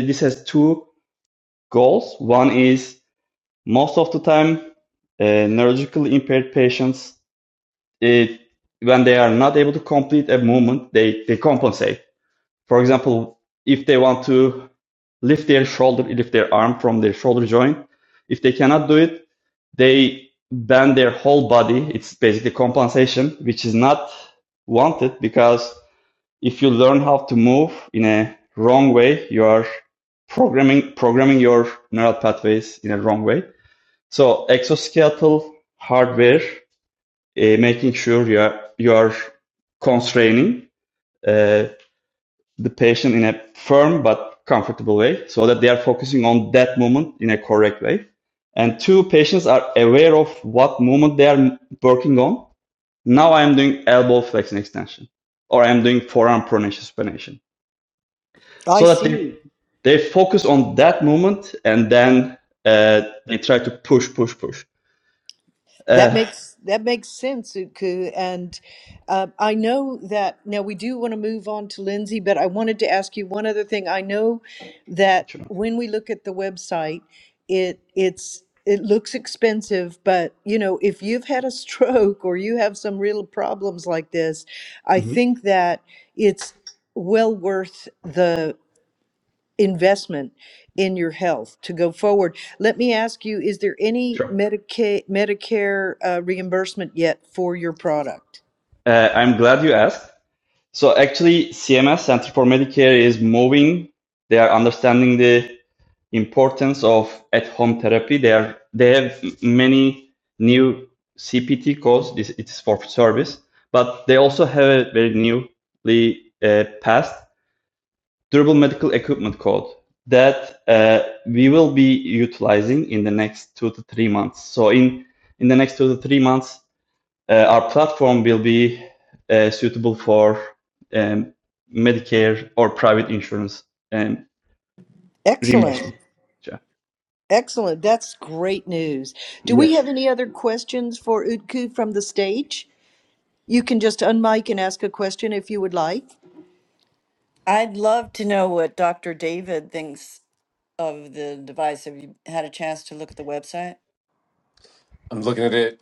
[SPEAKER 3] this has two goals. One is most of the time uh, neurologically impaired patients it, when they are not able to complete a movement they, they compensate for example, if they want to lift their shoulder, lift their arm from their shoulder joint, if they cannot do it, they bend their whole body. It's basically compensation, which is not wanted because if you learn how to move in a wrong way, you are programming programming your neural pathways in a wrong way. So exoskeletal hardware, uh, making sure you are you are constraining uh, the patient in a firm but comfortable way so that they are focusing on that movement in a correct way. And two, patients are aware of what movement they are working on. Now I am doing elbow flexion extension or I am doing forearm pronation supination
[SPEAKER 1] I
[SPEAKER 3] so that they,
[SPEAKER 1] see.
[SPEAKER 3] they focus on that movement and then uh, they try to push, push, push.
[SPEAKER 1] That
[SPEAKER 3] Uh,
[SPEAKER 1] makes that makes sense, Utku. And uh, I know that now we do want to move on to Lindsay, but I wanted to ask you one other thing. I know that
[SPEAKER 3] sure.
[SPEAKER 1] when we look at the website, it it's it looks expensive, but you know, if you've had a stroke or you have some real problems like this, I
[SPEAKER 3] Mhm.
[SPEAKER 1] think that it's well worth the investment in your health to go forward. Let me ask you, is there any
[SPEAKER 3] Sure.
[SPEAKER 1] Medicaid, Medicare uh, reimbursement yet for your product?
[SPEAKER 3] Uh, I'm glad you asked. So actually, CMS Center for Medicare is moving. They are understanding the importance of at-home therapy. They are they have many new CPT codes. This it's for service, but they also have a very newly uh, passed durable medical equipment code that uh, we will be utilizing in the next two to three months. So in in the next two to three months, uh, our platform will be uh, suitable for um, Medicare or private insurance um,
[SPEAKER 1] Excellent.
[SPEAKER 3] reimbursement. Yeah.
[SPEAKER 1] Excellent. That's great news. Do we
[SPEAKER 3] Yes.
[SPEAKER 1] have any other questions for Utku from the stage? You can just unmic and ask a question if you would like.
[SPEAKER 2] I'd love to know what Dr. David thinks of the device. Have you had a chance to look at the website?
[SPEAKER 5] I'm looking at it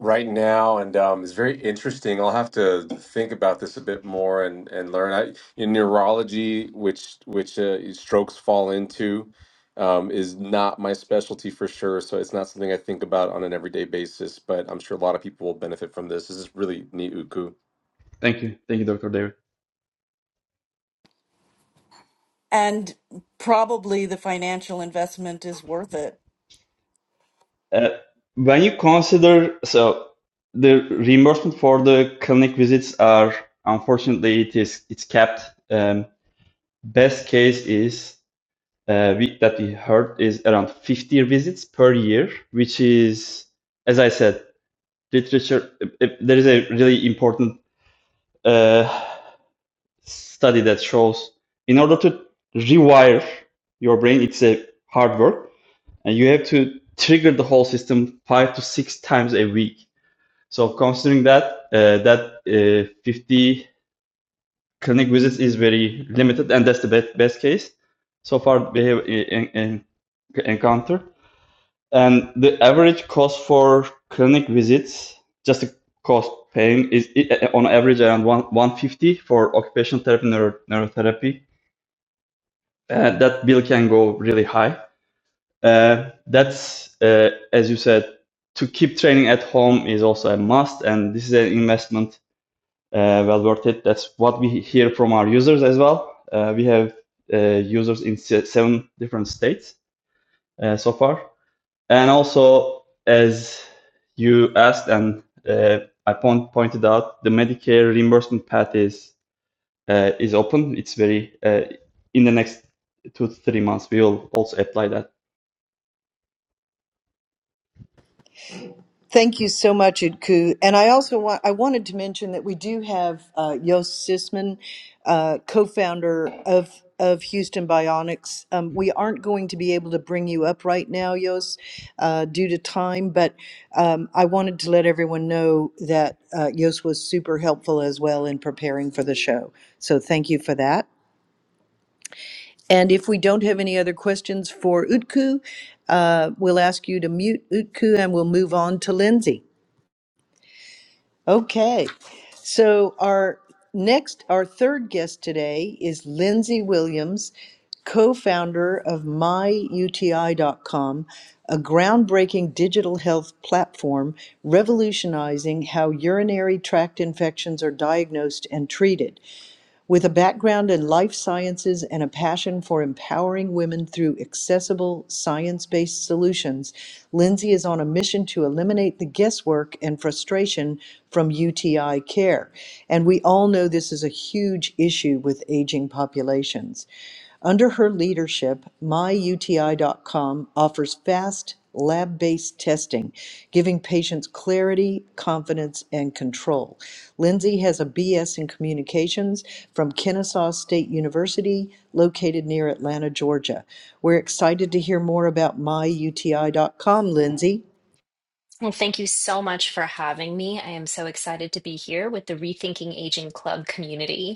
[SPEAKER 5] right now, and um, it's very interesting. I'll have to think about this a bit more and and learn. I, in neurology, which which uh, strokes fall into, um, is not my specialty for sure. So it's not something I think about on an everyday basis. But I'm sure a lot of people will benefit from this. This is really neat, Uku.
[SPEAKER 3] Thank you. Thank you, Dr. David.
[SPEAKER 2] And probably the financial investment is worth it.
[SPEAKER 3] Uh, when you consider, so the reimbursement for the clinic visits are, unfortunately, it is, it's capped. Um, best case is uh, we, that we heard is around 50 visits per year, which is, as I said, literature. i- i- there is a really important uh, study that shows in order to rewire your brain, it's a hard work and you have to trigger the whole system five to six times a week. So considering that, uh, that uh, 50 clinic visits is very limited, and that's the best, best case so far we have in, in, encountered. And the average cost for clinic visits, just the cost paying, is on average around one, 150 for occupational therapy, neuro, neurotherapy. And that bill can go really high. Uh, that's uh, as you said, to keep training at home is also a must, and this is an investment uh, well worth it. That's what we hear from our users as well. Uh, we have uh, users in seven different states uh, so far, and also as you asked and uh, I point, pointed out, the Medicare reimbursement path is uh, is open. It's very uh, in the next two to three months we will also apply that
[SPEAKER 1] Thank you so much, Idku. And I also want, I wanted to mention that we do have uh, Yost Sisman, uh, co-founder of of Houston Bionics. Um, we aren't going to be able to bring you up right now, Yost, uh, due to time, but um, I wanted to let everyone know that uh, Yost was super helpful as well in preparing for the show. So thank you for that. And if we don't have any other questions for Utku, uh, we'll ask you to mute Utku and we'll move on to Lindsay. Okay. So our next, our third guest today is Lindsay Williams, co-founder of myuti.com, a groundbreaking digital health platform revolutionizing how urinary tract infections are diagnosed and treated. With a background in life sciences and a passion for empowering women through accessible, science based solutions, Lindsay is on a mission to eliminate the guesswork and frustration from UTI care. And we all know this is a huge issue with aging populations. Under her leadership, myuti.com offers fast lab based testing, giving patients clarity, confidence, and control. Lindsay has a BS in communications from Kennesaw State University, located near Atlanta, Georgia. We're excited to hear more about myuti.com, Lindsay.
[SPEAKER 4] Well, thank you so much for having me. I am so excited to be here with the Rethinking Aging Club community.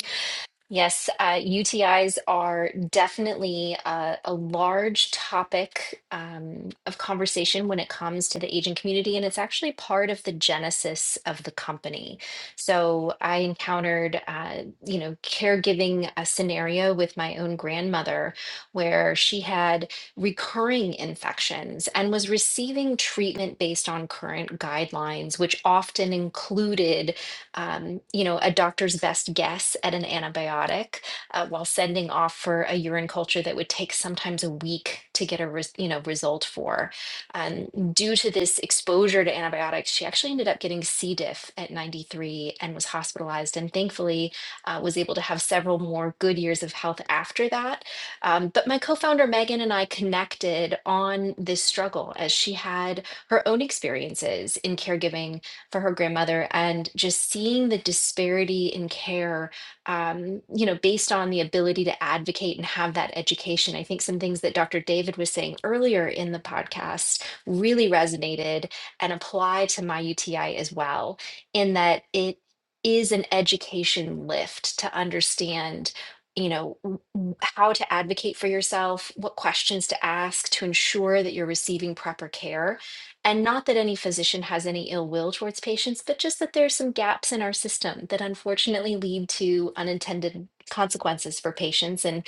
[SPEAKER 4] Yes, uh, UTIs are definitely uh, a large topic um, of conversation when it comes to the aging community, and it's actually part of the genesis of the company. So I encountered, uh, you know, caregiving a scenario with my own grandmother where she had recurring infections and was receiving treatment based on current guidelines, which often included um, you know, a doctor's best guess at an antibiotic uh, while sending off for a urine culture that would take sometimes a week to get a res- you know result for. Um, due to this exposure to antibiotics, she actually ended up getting C. diff at 93 and was hospitalized, and thankfully uh, was able to have several more good years of health after that. Um, but my co-founder Megan and I connected on this struggle as she had her own experiences in caregiving for her grandmother and just seeing the disparity in care um, you know based on the ability to advocate and have that education i think some things that dr david was saying earlier in the podcast really resonated and apply to my uti as well in that it is an education lift to understand you know w- w- how to advocate for yourself what questions to ask to ensure that you're receiving proper care and not that any physician has any ill will towards patients, but just that there's some gaps in our system that unfortunately lead to unintended consequences for patients and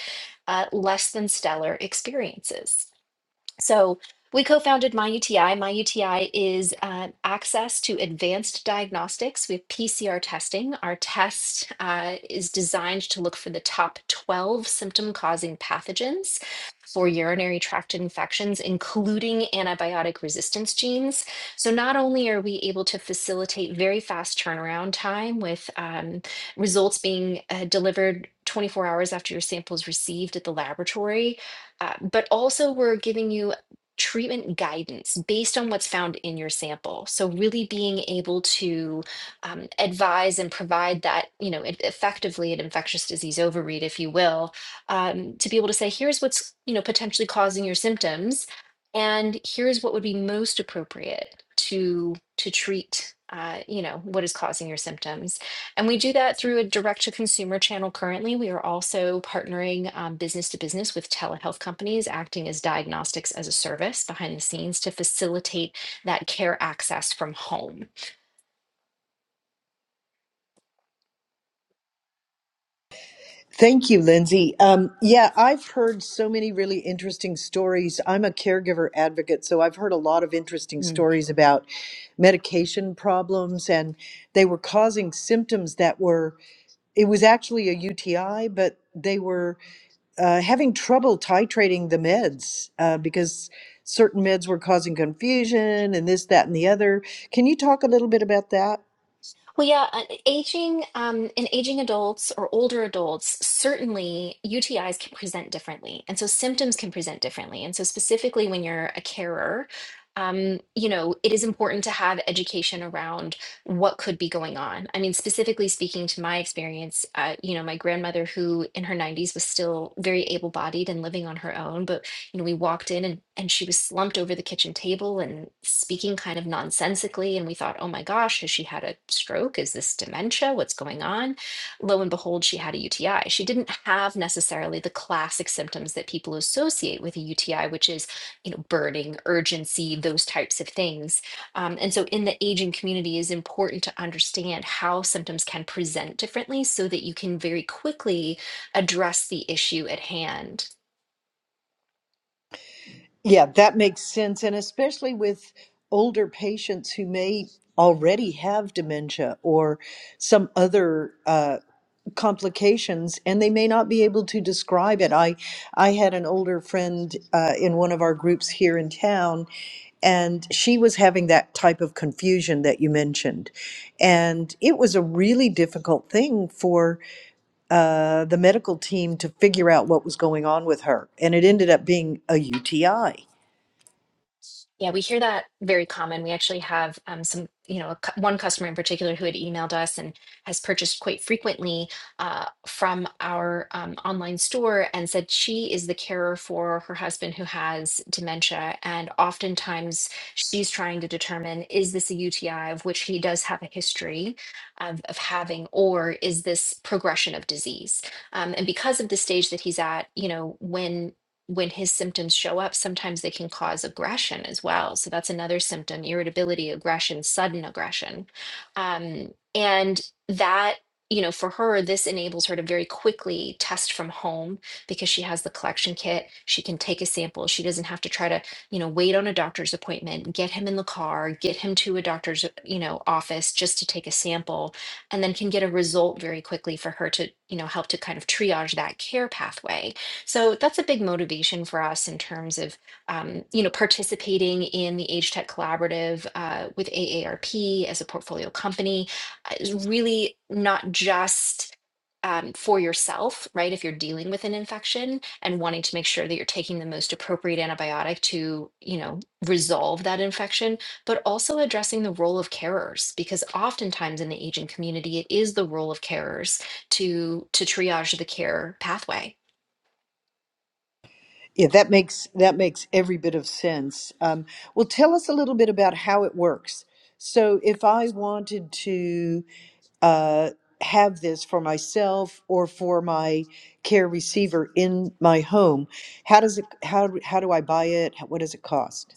[SPEAKER 4] uh, less than stellar experiences. So we co-founded MyUTI. MyUTI is uh, access to advanced diagnostics with PCR testing. Our test uh, is designed to look for the top 12 symptom-causing pathogens for urinary tract infections, including antibiotic resistance genes. So not only are we able to facilitate very fast turnaround time with um, results being uh, delivered 24 hours after your sample is received at the laboratory, uh, but also, we're giving you treatment guidance based on what's found in your sample. So, really being able to um, advise and provide that, you know, e- effectively an infectious disease overread, if you will, um, to be able to say, here's what's, you know, potentially causing your symptoms, and here's what would be most appropriate to to treat, uh, you know, what is causing your symptoms and we do that through a direct to consumer channel currently. We are also partnering um, business to business with telehealth companies, acting as diagnostics as a service behind the scenes to facilitate that care access from home.
[SPEAKER 1] Thank you, Lindsay. Um, yeah, I've heard so many really interesting stories. I'm a caregiver advocate, so I've heard a lot of interesting stories about medication problems, and they were causing symptoms that were, it was actually a UTI, but they were uh, having trouble titrating the meds uh, because certain meds were causing confusion and this, that, and the other. Can you talk a little bit about that?
[SPEAKER 4] Well, yeah, uh, aging um, in aging adults or older adults, certainly UTIs can present differently, and so symptoms can present differently. And so, specifically when you're a carer, um, you know, it is important to have education around what could be going on. I mean, specifically speaking to my experience, uh, you know, my grandmother, who in her 90s was still very able-bodied and living on her own, but you know, we walked in and, and she was slumped over the kitchen table and speaking kind of nonsensically. And we thought, oh my gosh, has she had a stroke? Is this dementia? What's going on? Lo and behold, she had a UTI. She didn't have necessarily the classic symptoms that people associate with a UTI, which is, you know, burning, urgency, those types of things. Um, and so in the aging community it is important to understand how symptoms can present differently so that you can very quickly address the issue at hand.
[SPEAKER 1] Yeah, that makes sense. And especially with older patients who may already have dementia or some other uh, complications and they may not be able to describe it. I, I had an older friend uh, in one of our groups here in town and she was having that type of confusion that you mentioned. And it was a really difficult thing for uh, the medical team to figure out what was going on with her. And it ended up being a UTI.
[SPEAKER 4] Yeah, we hear that very common. We actually have um, some, you know, a cu- one customer in particular who had emailed us and has purchased quite frequently uh, from our um, online store and said she is the carer for her husband who has dementia. And oftentimes she's trying to determine is this a UTI of which he does have a history of, of having, or is this progression of disease? Um, and because of the stage that he's at, you know, when when his symptoms show up, sometimes they can cause aggression as well. So that's another symptom irritability, aggression, sudden aggression. Um, and that, you know, for her, this enables her to very quickly test from home because she has the collection kit. She can take a sample. She doesn't have to try to, you know, wait on a doctor's appointment, get him in the car, get him to a doctor's, you know, office just to take a sample, and then can get a result very quickly for her to, you know, help to kind of triage that care pathway so that's a big motivation for us in terms of, um, you know, participating in the Age Tech Collaborative uh, with AARP as a portfolio company uh, is really not just um, for yourself, right? If you're dealing with an infection and wanting to make sure that you're taking the most appropriate antibiotic to, you know, resolve that infection, but also addressing the role of carers, because oftentimes in the aging community, it is the role of carers to to triage the care pathway
[SPEAKER 1] Yeah, that makes that makes every bit of sense. Um, well, tell us a little bit about how it works. So, if I wanted to uh, have this for myself or for my care receiver in my home, how does it? How how do I buy it? What does it cost?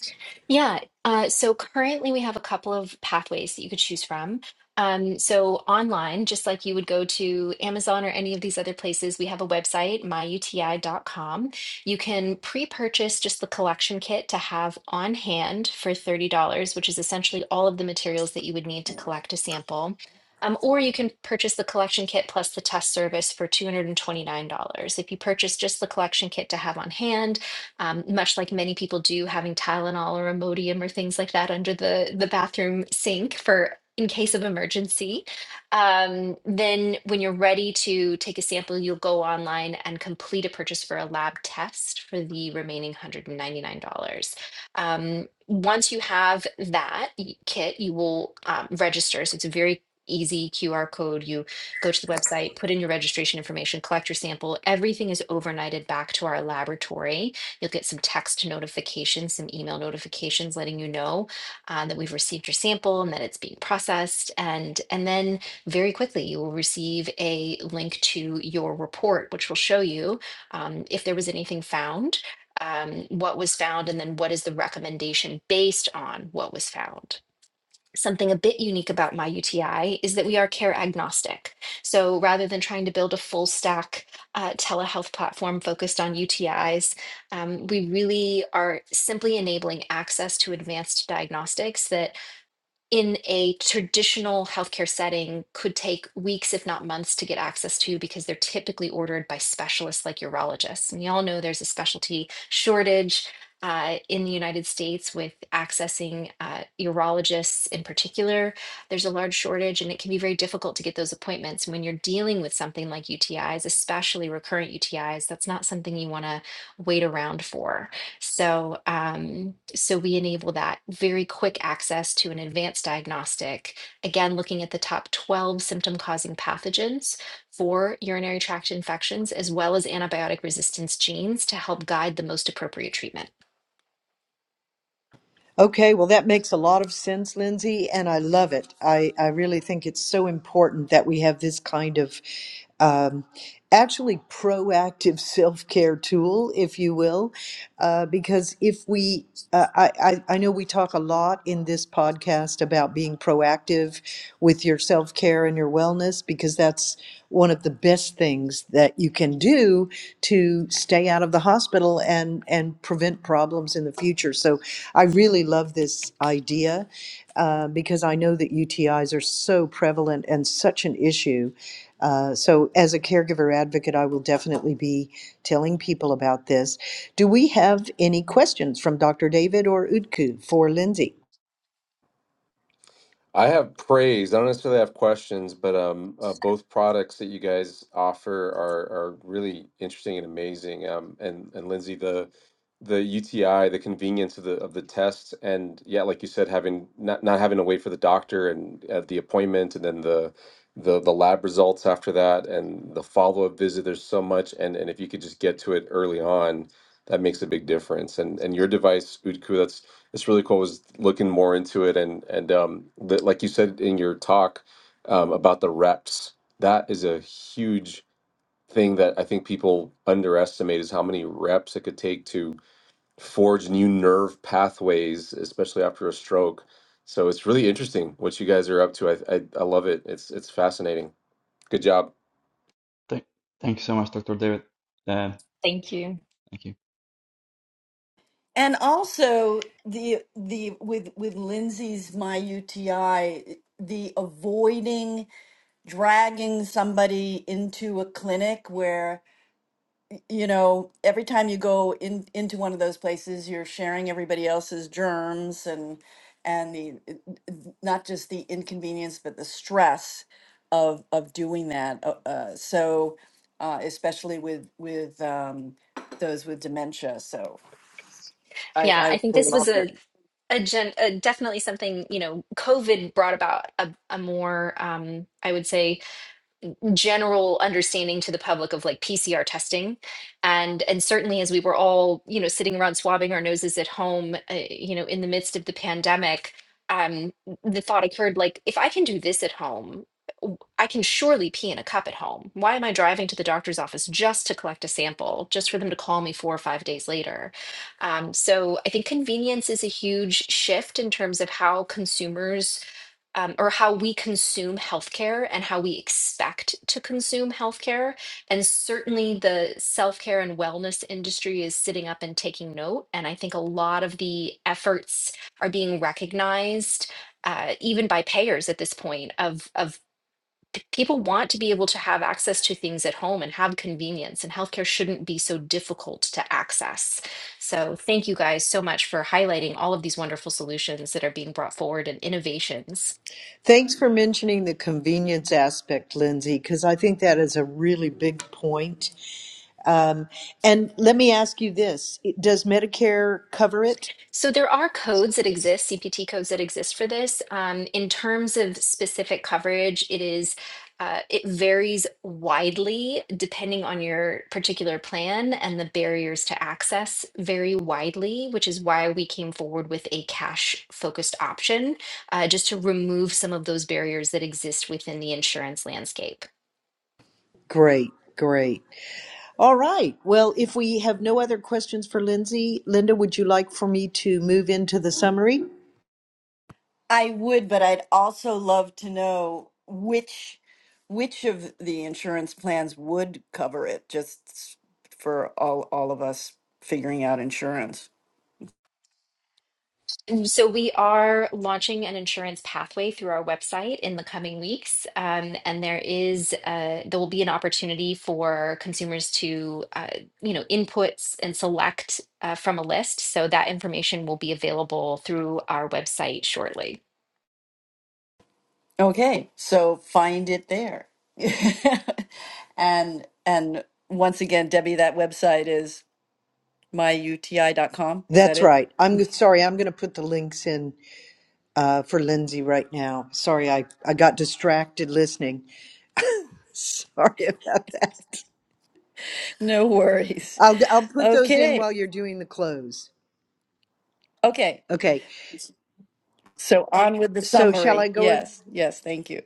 [SPEAKER 4] Yeah. Uh, so currently we have a couple of pathways that you could choose from. Um, so online, just like you would go to Amazon or any of these other places, we have a website, myuti dot com. You can pre-purchase just the collection kit to have on hand for $30, which is essentially all of the materials that you would need to collect a sample. Um, or you can purchase the collection kit plus the test service for $229. If you purchase just the collection kit to have on hand, um, much like many people do, having Tylenol or Imodium or things like that under the, the bathroom sink for in case of emergency. Um, then, when you're ready to take a sample, you'll go online and complete a purchase for a lab test for the remaining $199. Um, once you have that y- kit, you will um, register. So, it's a very easy QR code. You go to the website, put in your registration information, collect your sample. Everything is overnighted back to our laboratory You'll get some text notifications, some email notifications letting you know uh, that we've received your sample and that it's being processed. And, and then very quickly, you will receive a link to your report, which will show you um, if there was anything found, um, what was found, and then what is the recommendation based on what was found something a bit unique about my UTI is that we are care agnostic. So rather than trying to build a full stack uh, telehealth platform focused on UTIs, um, we really are simply enabling access to advanced diagnostics that in a traditional healthcare setting could take weeks, if not months, to get access to because they're typically ordered by specialists like urologists. And y'all know there's a specialty shortage uh, in the United States with accessing uh, urologists in particular. There's a large shortage, and it can be very difficult to get those appointments. When you're dealing with something like UTIs, especially recurrent UTIs, that's not something you want to wait around for. So, um, so we enable that very quick access to an advanced diagnostic. Again, looking at the top 12 symptom causing pathogens for urinary tract infections, as well as antibiotic resistance genes to help guide the most appropriate treatment.
[SPEAKER 1] Okay, well, that makes a lot of sense, Lindsay, and I love it. I, I really think it's so important that we have this kind of um, actually proactive self care tool, if you will, uh, because if we uh, I, I, I know we talk a lot in this podcast about being proactive with your self care and your wellness because that's one of the best things things that you can do to stay out of the hospital and and prevent problems in the future. So I really love this idea uh, because I know that UTIs are so prevalent and such an issue. Uh, so as a caregiver advocate, I will definitely be telling people about this. Do we have any questions from Dr. David or Utku for Lindsay?
[SPEAKER 5] I have praise. I don't necessarily have questions, but um, uh, both products that you guys offer are are really interesting and amazing. Um, and and Lindsay, the the UTI, the convenience of the of the tests, and yeah, like you said, having not not having to wait for the doctor and uh, the appointment, and then the the the lab results after that, and the follow up visit. There's so much, and and if you could just get to it early on, that makes a big difference. And and your device, Udku, it's really cool. I was looking more into it, and and um, the, like you said in your talk um, about the reps, that is a huge thing that I think people underestimate is how many reps it could take to forge new nerve pathways, especially after a stroke. So it's really interesting what you guys are up to. I I, I love it. It's it's fascinating. Good job.
[SPEAKER 3] Thank, thank you so much, Dr. David. Uh,
[SPEAKER 4] Thank you.
[SPEAKER 3] thank you.
[SPEAKER 2] And also the the with with Lindsay's My UTI, the avoiding dragging somebody into a clinic where you know, every time you go in into one of those places, you're sharing everybody else's germs and and the it- it- not just the inconvenience, but the stress of of doing that. Uh, uh, so, uh, especially with with um, those with dementia. So I,
[SPEAKER 4] Yeah,
[SPEAKER 2] I
[SPEAKER 4] I think
[SPEAKER 2] really
[SPEAKER 4] this was
[SPEAKER 2] loved it.
[SPEAKER 4] a, a, gen, a definitely something, you know, COVID brought about a, a more, um, I would say, general understanding to the public of like PCR testing and and certainly as we were all you know sitting around swabbing our noses at home uh, you know in the midst of the pandemic um the thought occurred like if I can do this at home w- I can surely pee in a cup at home why am I driving to the doctor's office just to collect a sample just for them to call me 4 or 5 days later um so I think convenience is a huge shift in terms of how consumers um, or how we consume healthcare and how we expect to consume healthcare. And certainly the self care and wellness industry is sitting up and taking note. And I think a lot of the efforts are being recognized, uh, even by payers at this point, of, of p- people want to be able to have access to things at home and have convenience, and healthcare shouldn't be so difficult to access. So, thank you guys so much for highlighting all of these wonderful solutions that are being brought forward and innovations.
[SPEAKER 1] Thanks for mentioning the convenience aspect, Lindsay, because I think that is a really big point Um, and let me ask you this Does Medicare cover it?
[SPEAKER 4] So there are codes that exist, CPT codes that exist for this. Um, in terms of specific coverage, it is uh, it varies widely depending on your particular plan, and the barriers to access vary widely, which is why we came forward with a cash focused option, uh, just to remove some of those barriers that exist within the insurance landscape.
[SPEAKER 1] Great, great. All right. Well, if we have no other questions for Lindsay, Linda, would you like for me to move into the summary?
[SPEAKER 2] I would, but I'd also love to know which which of the insurance plans would cover it, just for all all of us figuring out insurance.
[SPEAKER 4] Um, So we are launching an insurance pathway through our website in the coming weeks, um, and there is uh, there will be an opportunity for consumers to uh, you know inputs and select uh, from a list. So that information will be available through our website shortly.
[SPEAKER 2] Okay, so find it there. And and once again, Debbie, that website is my u t i dot com. Is that
[SPEAKER 1] That's
[SPEAKER 2] it?
[SPEAKER 1] right. I'm sorry. I'm going to put the links in uh, for Lindsay right now. Sorry, I, I got distracted listening. Sorry about that.
[SPEAKER 2] No worries.
[SPEAKER 1] I'll I'll put those in
[SPEAKER 2] Okay.
[SPEAKER 1] while you're doing the close.
[SPEAKER 2] Okay.
[SPEAKER 1] Okay.
[SPEAKER 2] So on with the
[SPEAKER 1] So shall I
[SPEAKER 2] summary.
[SPEAKER 1] go?
[SPEAKER 2] Yes. Yes. Thank you.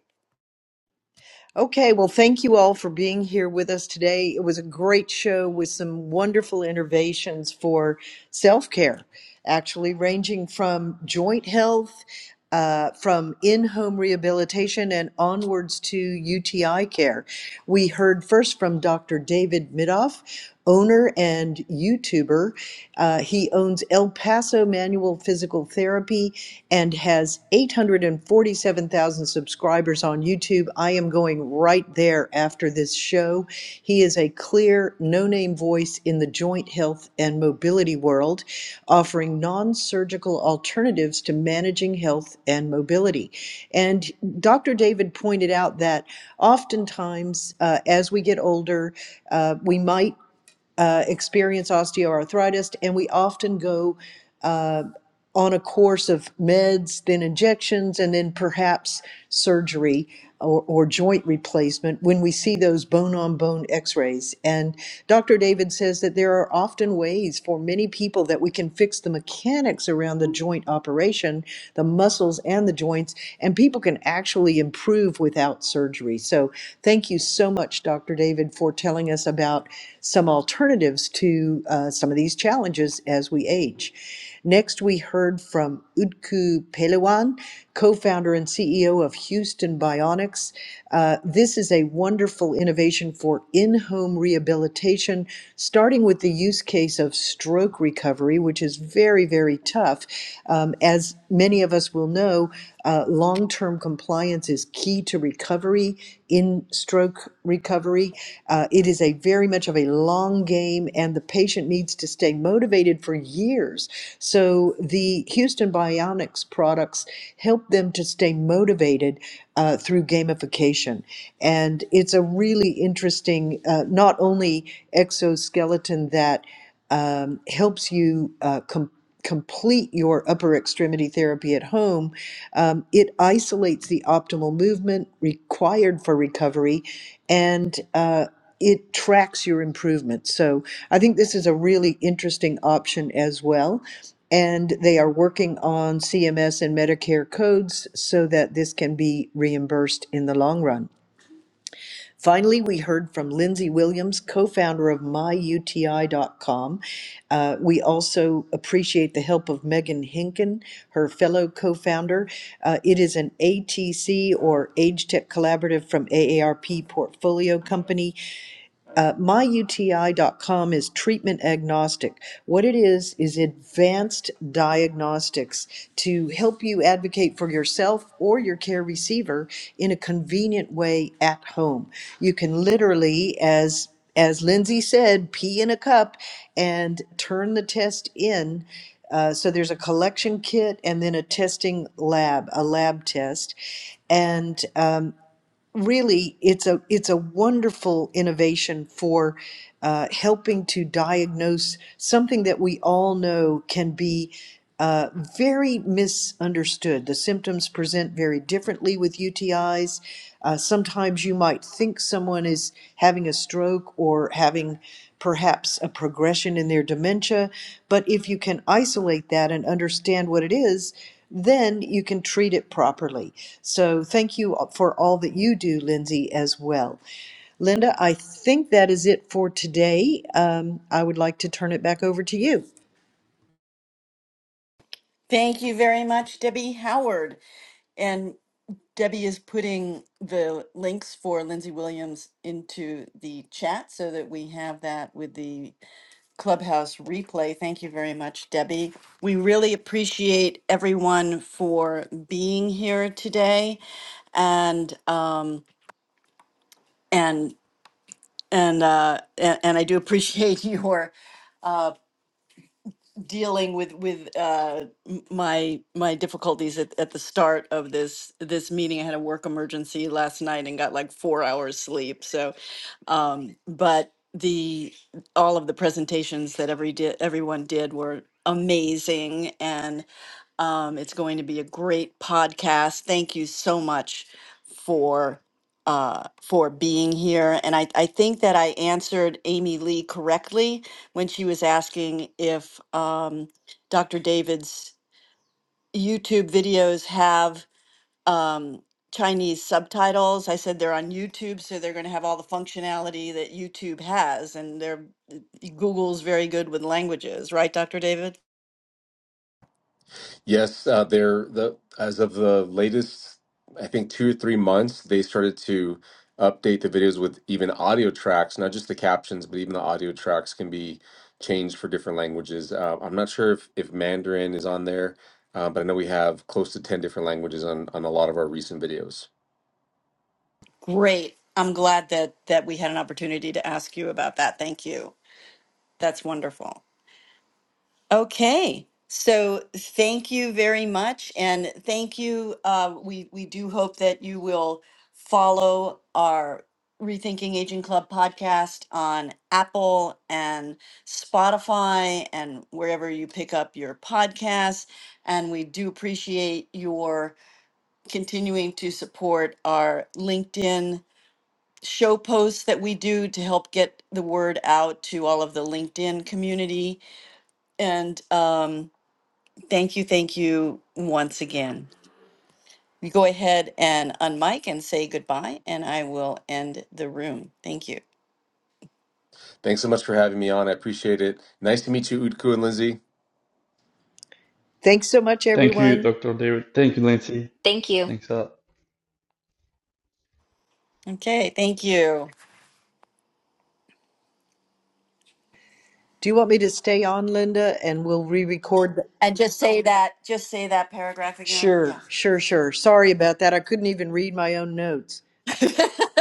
[SPEAKER 1] Okay, well, thank you all for being here with us today. It was a great show with some wonderful innovations for self care, actually, ranging from joint health, uh, from in home rehabilitation, and onwards to UTI care. We heard first from Dr. David Midoff owner and YouTuber. Uh, he owns El Paso Manual Physical Therapy and has 847,000 subscribers on YouTube. I am going right there after this show. He is a clear, no name voice in the joint health and mobility world, offering non surgical alternatives to managing health and mobility. And Dr. David pointed out that oftentimes, uh, as we get older, uh, we might uh, experience osteoarthritis, and we often go. uh, on a course of meds, then injections, and then perhaps surgery or, or joint replacement when we see those bone on bone x rays. And Dr. David says that there are often ways for many people that we can fix the mechanics around the joint operation, the muscles and the joints, and people can actually improve without surgery. So thank you so much, Dr. David, for telling us about some alternatives to uh, some of these challenges as we age. Next, we heard from Utku Peliwan, co-founder and CEO of Houston Bionics. Uh, this is a wonderful innovation for in-home rehabilitation, starting with the use case of stroke recovery, which is very, very tough. Um, as many of us will know, uh, long-term compliance is key to recovery In in stroke recovery. Uh, it is a very much of a long game, and the patient needs to stay motivated for years. So the Houston Bionics products help them to stay motivated uh, through gamification, and it's a really interesting uh, not only exoskeleton that um, helps you uh, com- complete your upper extremity therapy at home, um, it isolates the optimal movement required for recovery and uh, it tracks your improvement. So I think this is a really interesting option as well. And they are working on CMS and Medicare codes so that this can be reimbursed in the long run. Finally, we heard from Lindsay Williams, co founder of myuti.com. Uh, we also appreciate the help of Megan Hinken, her fellow co founder. it is an ATC or Age Tech Collaborative from AARP portfolio company uh, myuti.com is treatment agnostic. What it is, is advanced diagnostics to help you advocate for yourself or your care receiver in a convenient way at home. You can literally, as as Lindsay said, pee in a cup and turn the test in. Uh, so there's a collection kit and then a testing lab, a lab test. And um, really it's a it's a wonderful innovation for uh, helping to diagnose something that we all know can be uh, very misunderstood. The symptoms present very differently with UTIs. Uh, sometimes you might think someone is having a stroke or having perhaps a progression in their dementia. But if you can isolate that and understand what it is, then you can treat it properly. So thank you for all that you do, Lindsay, as well. Linda, I think that is it for today. Um, I would like to turn it back over to you.
[SPEAKER 2] Thank you very much, Debbie Howard. And Debbie is putting the links for Lindsay Williams into the chat so that we have that with the clubhouse replay. Thank you very much, Debbie. We really appreciate everyone for being here today, and um, and and uh, a- and I do appreciate your. uh, dealing with with uh, m- my my difficulties at, at the start of this this meeting. I had a work emergency last night and got like four hours sleep. So, um, but the all of the presentations that every di- everyone did were amazing, and um, it's going to be a great podcast. Thank you so much for uh, for being here. And I, I think that I answered Amy Lee correctly when she was asking if um, Dr. David's YouTube videos have um, Chinese subtitles. I said they're on YouTube, so they're going to have all the functionality that YouTube has, and they're Google's very good with languages, right, Dr. David?
[SPEAKER 5] Yes, uh, they're the as of the latest, I think two or three months, they started to update the videos with even audio tracks, not just the captions, but even the audio tracks can be changed for different languages. Uh, I'm not sure if, if Mandarin is on there, uh, but I know we have close to 10 different languages on, on a lot of our recent videos.
[SPEAKER 2] Great. I'm glad that that we had an opportunity to ask you about that. Thank you. That's wonderful. Okay. So thank you very much, and thank you. Uh, we we do hope that you will follow our Rethinking Aging Club podcast on Apple and Spotify and wherever you pick up your podcasts. And we do appreciate your continuing to support our LinkedIn show posts that we do to help get the word out to all of the LinkedIn community. And um, thank you, thank you once again. You go ahead and unmic and say goodbye, and I will end the room. Thank you.
[SPEAKER 5] Thanks so much for having me on. I appreciate it. Nice to meet you, Utku and Lindsay.
[SPEAKER 1] Thanks so much,
[SPEAKER 3] Thank you,
[SPEAKER 1] everyone.
[SPEAKER 3] Dr. David. Thank you, Lindsay.
[SPEAKER 4] Thank you.
[SPEAKER 3] Thanks a lot.
[SPEAKER 2] Okay, thank you.
[SPEAKER 1] Do you want me to stay on, Linda, and we'll re record? The-
[SPEAKER 2] And just say that, just say that paragraph again. Yeah.
[SPEAKER 1] sure, sure, sure. Sorry about that. I couldn't even read my own notes.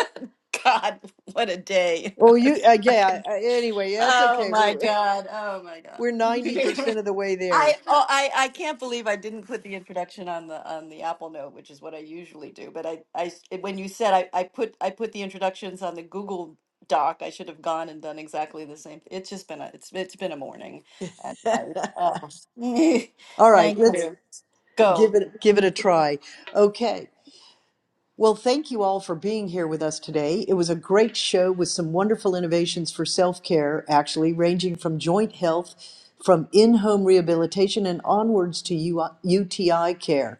[SPEAKER 2] God, what a day.
[SPEAKER 1] Well, you, uh, yeah, uh, anyway, that's
[SPEAKER 2] Oh
[SPEAKER 1] okay.
[SPEAKER 2] my God. Oh my
[SPEAKER 1] We're
[SPEAKER 2] God.
[SPEAKER 1] 90% of the way
[SPEAKER 2] I
[SPEAKER 1] there.
[SPEAKER 2] oh I I can't believe I didn't put the introduction on the on the Apple Note, which is what I usually do. But I I s- when you said I I put I put the introductions on the Google Doc, I should have gone and done exactly the same. It's just been a it's it's been a morning. And I, oh,
[SPEAKER 1] All right,
[SPEAKER 2] thank
[SPEAKER 1] let's
[SPEAKER 2] you.
[SPEAKER 1] give
[SPEAKER 2] Go.
[SPEAKER 1] it give it a try. Okay. Well, thank you all for being here with us today. It was a great show with some wonderful innovations for self-care, actually ranging from joint health, from in-home rehabilitation and onwards to UI UTI care.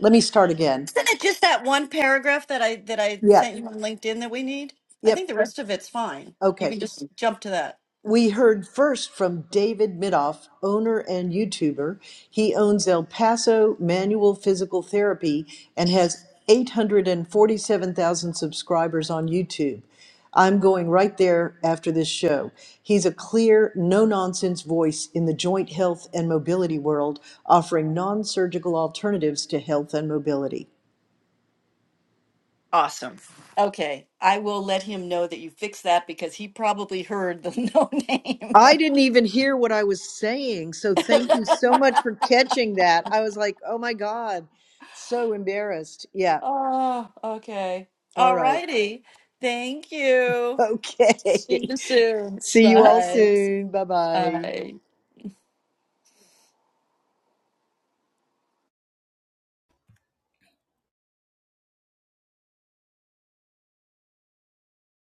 [SPEAKER 1] Let me start again.
[SPEAKER 2] Isn't it just that one paragraph that I that I
[SPEAKER 1] Yep.
[SPEAKER 2] sent you on LinkedIn that we need? I
[SPEAKER 1] Yep.
[SPEAKER 2] think the rest of it's fine. You
[SPEAKER 1] Okay.
[SPEAKER 2] can just jump to that.
[SPEAKER 1] We heard first from David Midoff, owner and YouTuber. He owns El Paso Manual Physical Therapy and has 847,000 subscribers on YouTube. I'm going right there after this show. He's a clear, no nonsense voice in the joint health and mobility world, offering non surgical alternatives to health and mobility.
[SPEAKER 2] Awesome. Okay. I will let him know that you fixed that because he probably heard the no name.
[SPEAKER 1] I didn't even hear what I was saying. So thank you so much for catching that. I was like, oh my God, so embarrassed. Yeah.
[SPEAKER 2] oh, okay.
[SPEAKER 1] All
[SPEAKER 2] All
[SPEAKER 1] right.
[SPEAKER 2] righty. Thank you. See
[SPEAKER 1] Okay.
[SPEAKER 2] you soon.
[SPEAKER 1] See you all
[SPEAKER 2] Bye.
[SPEAKER 1] soon. Bye bye.
[SPEAKER 2] Bye.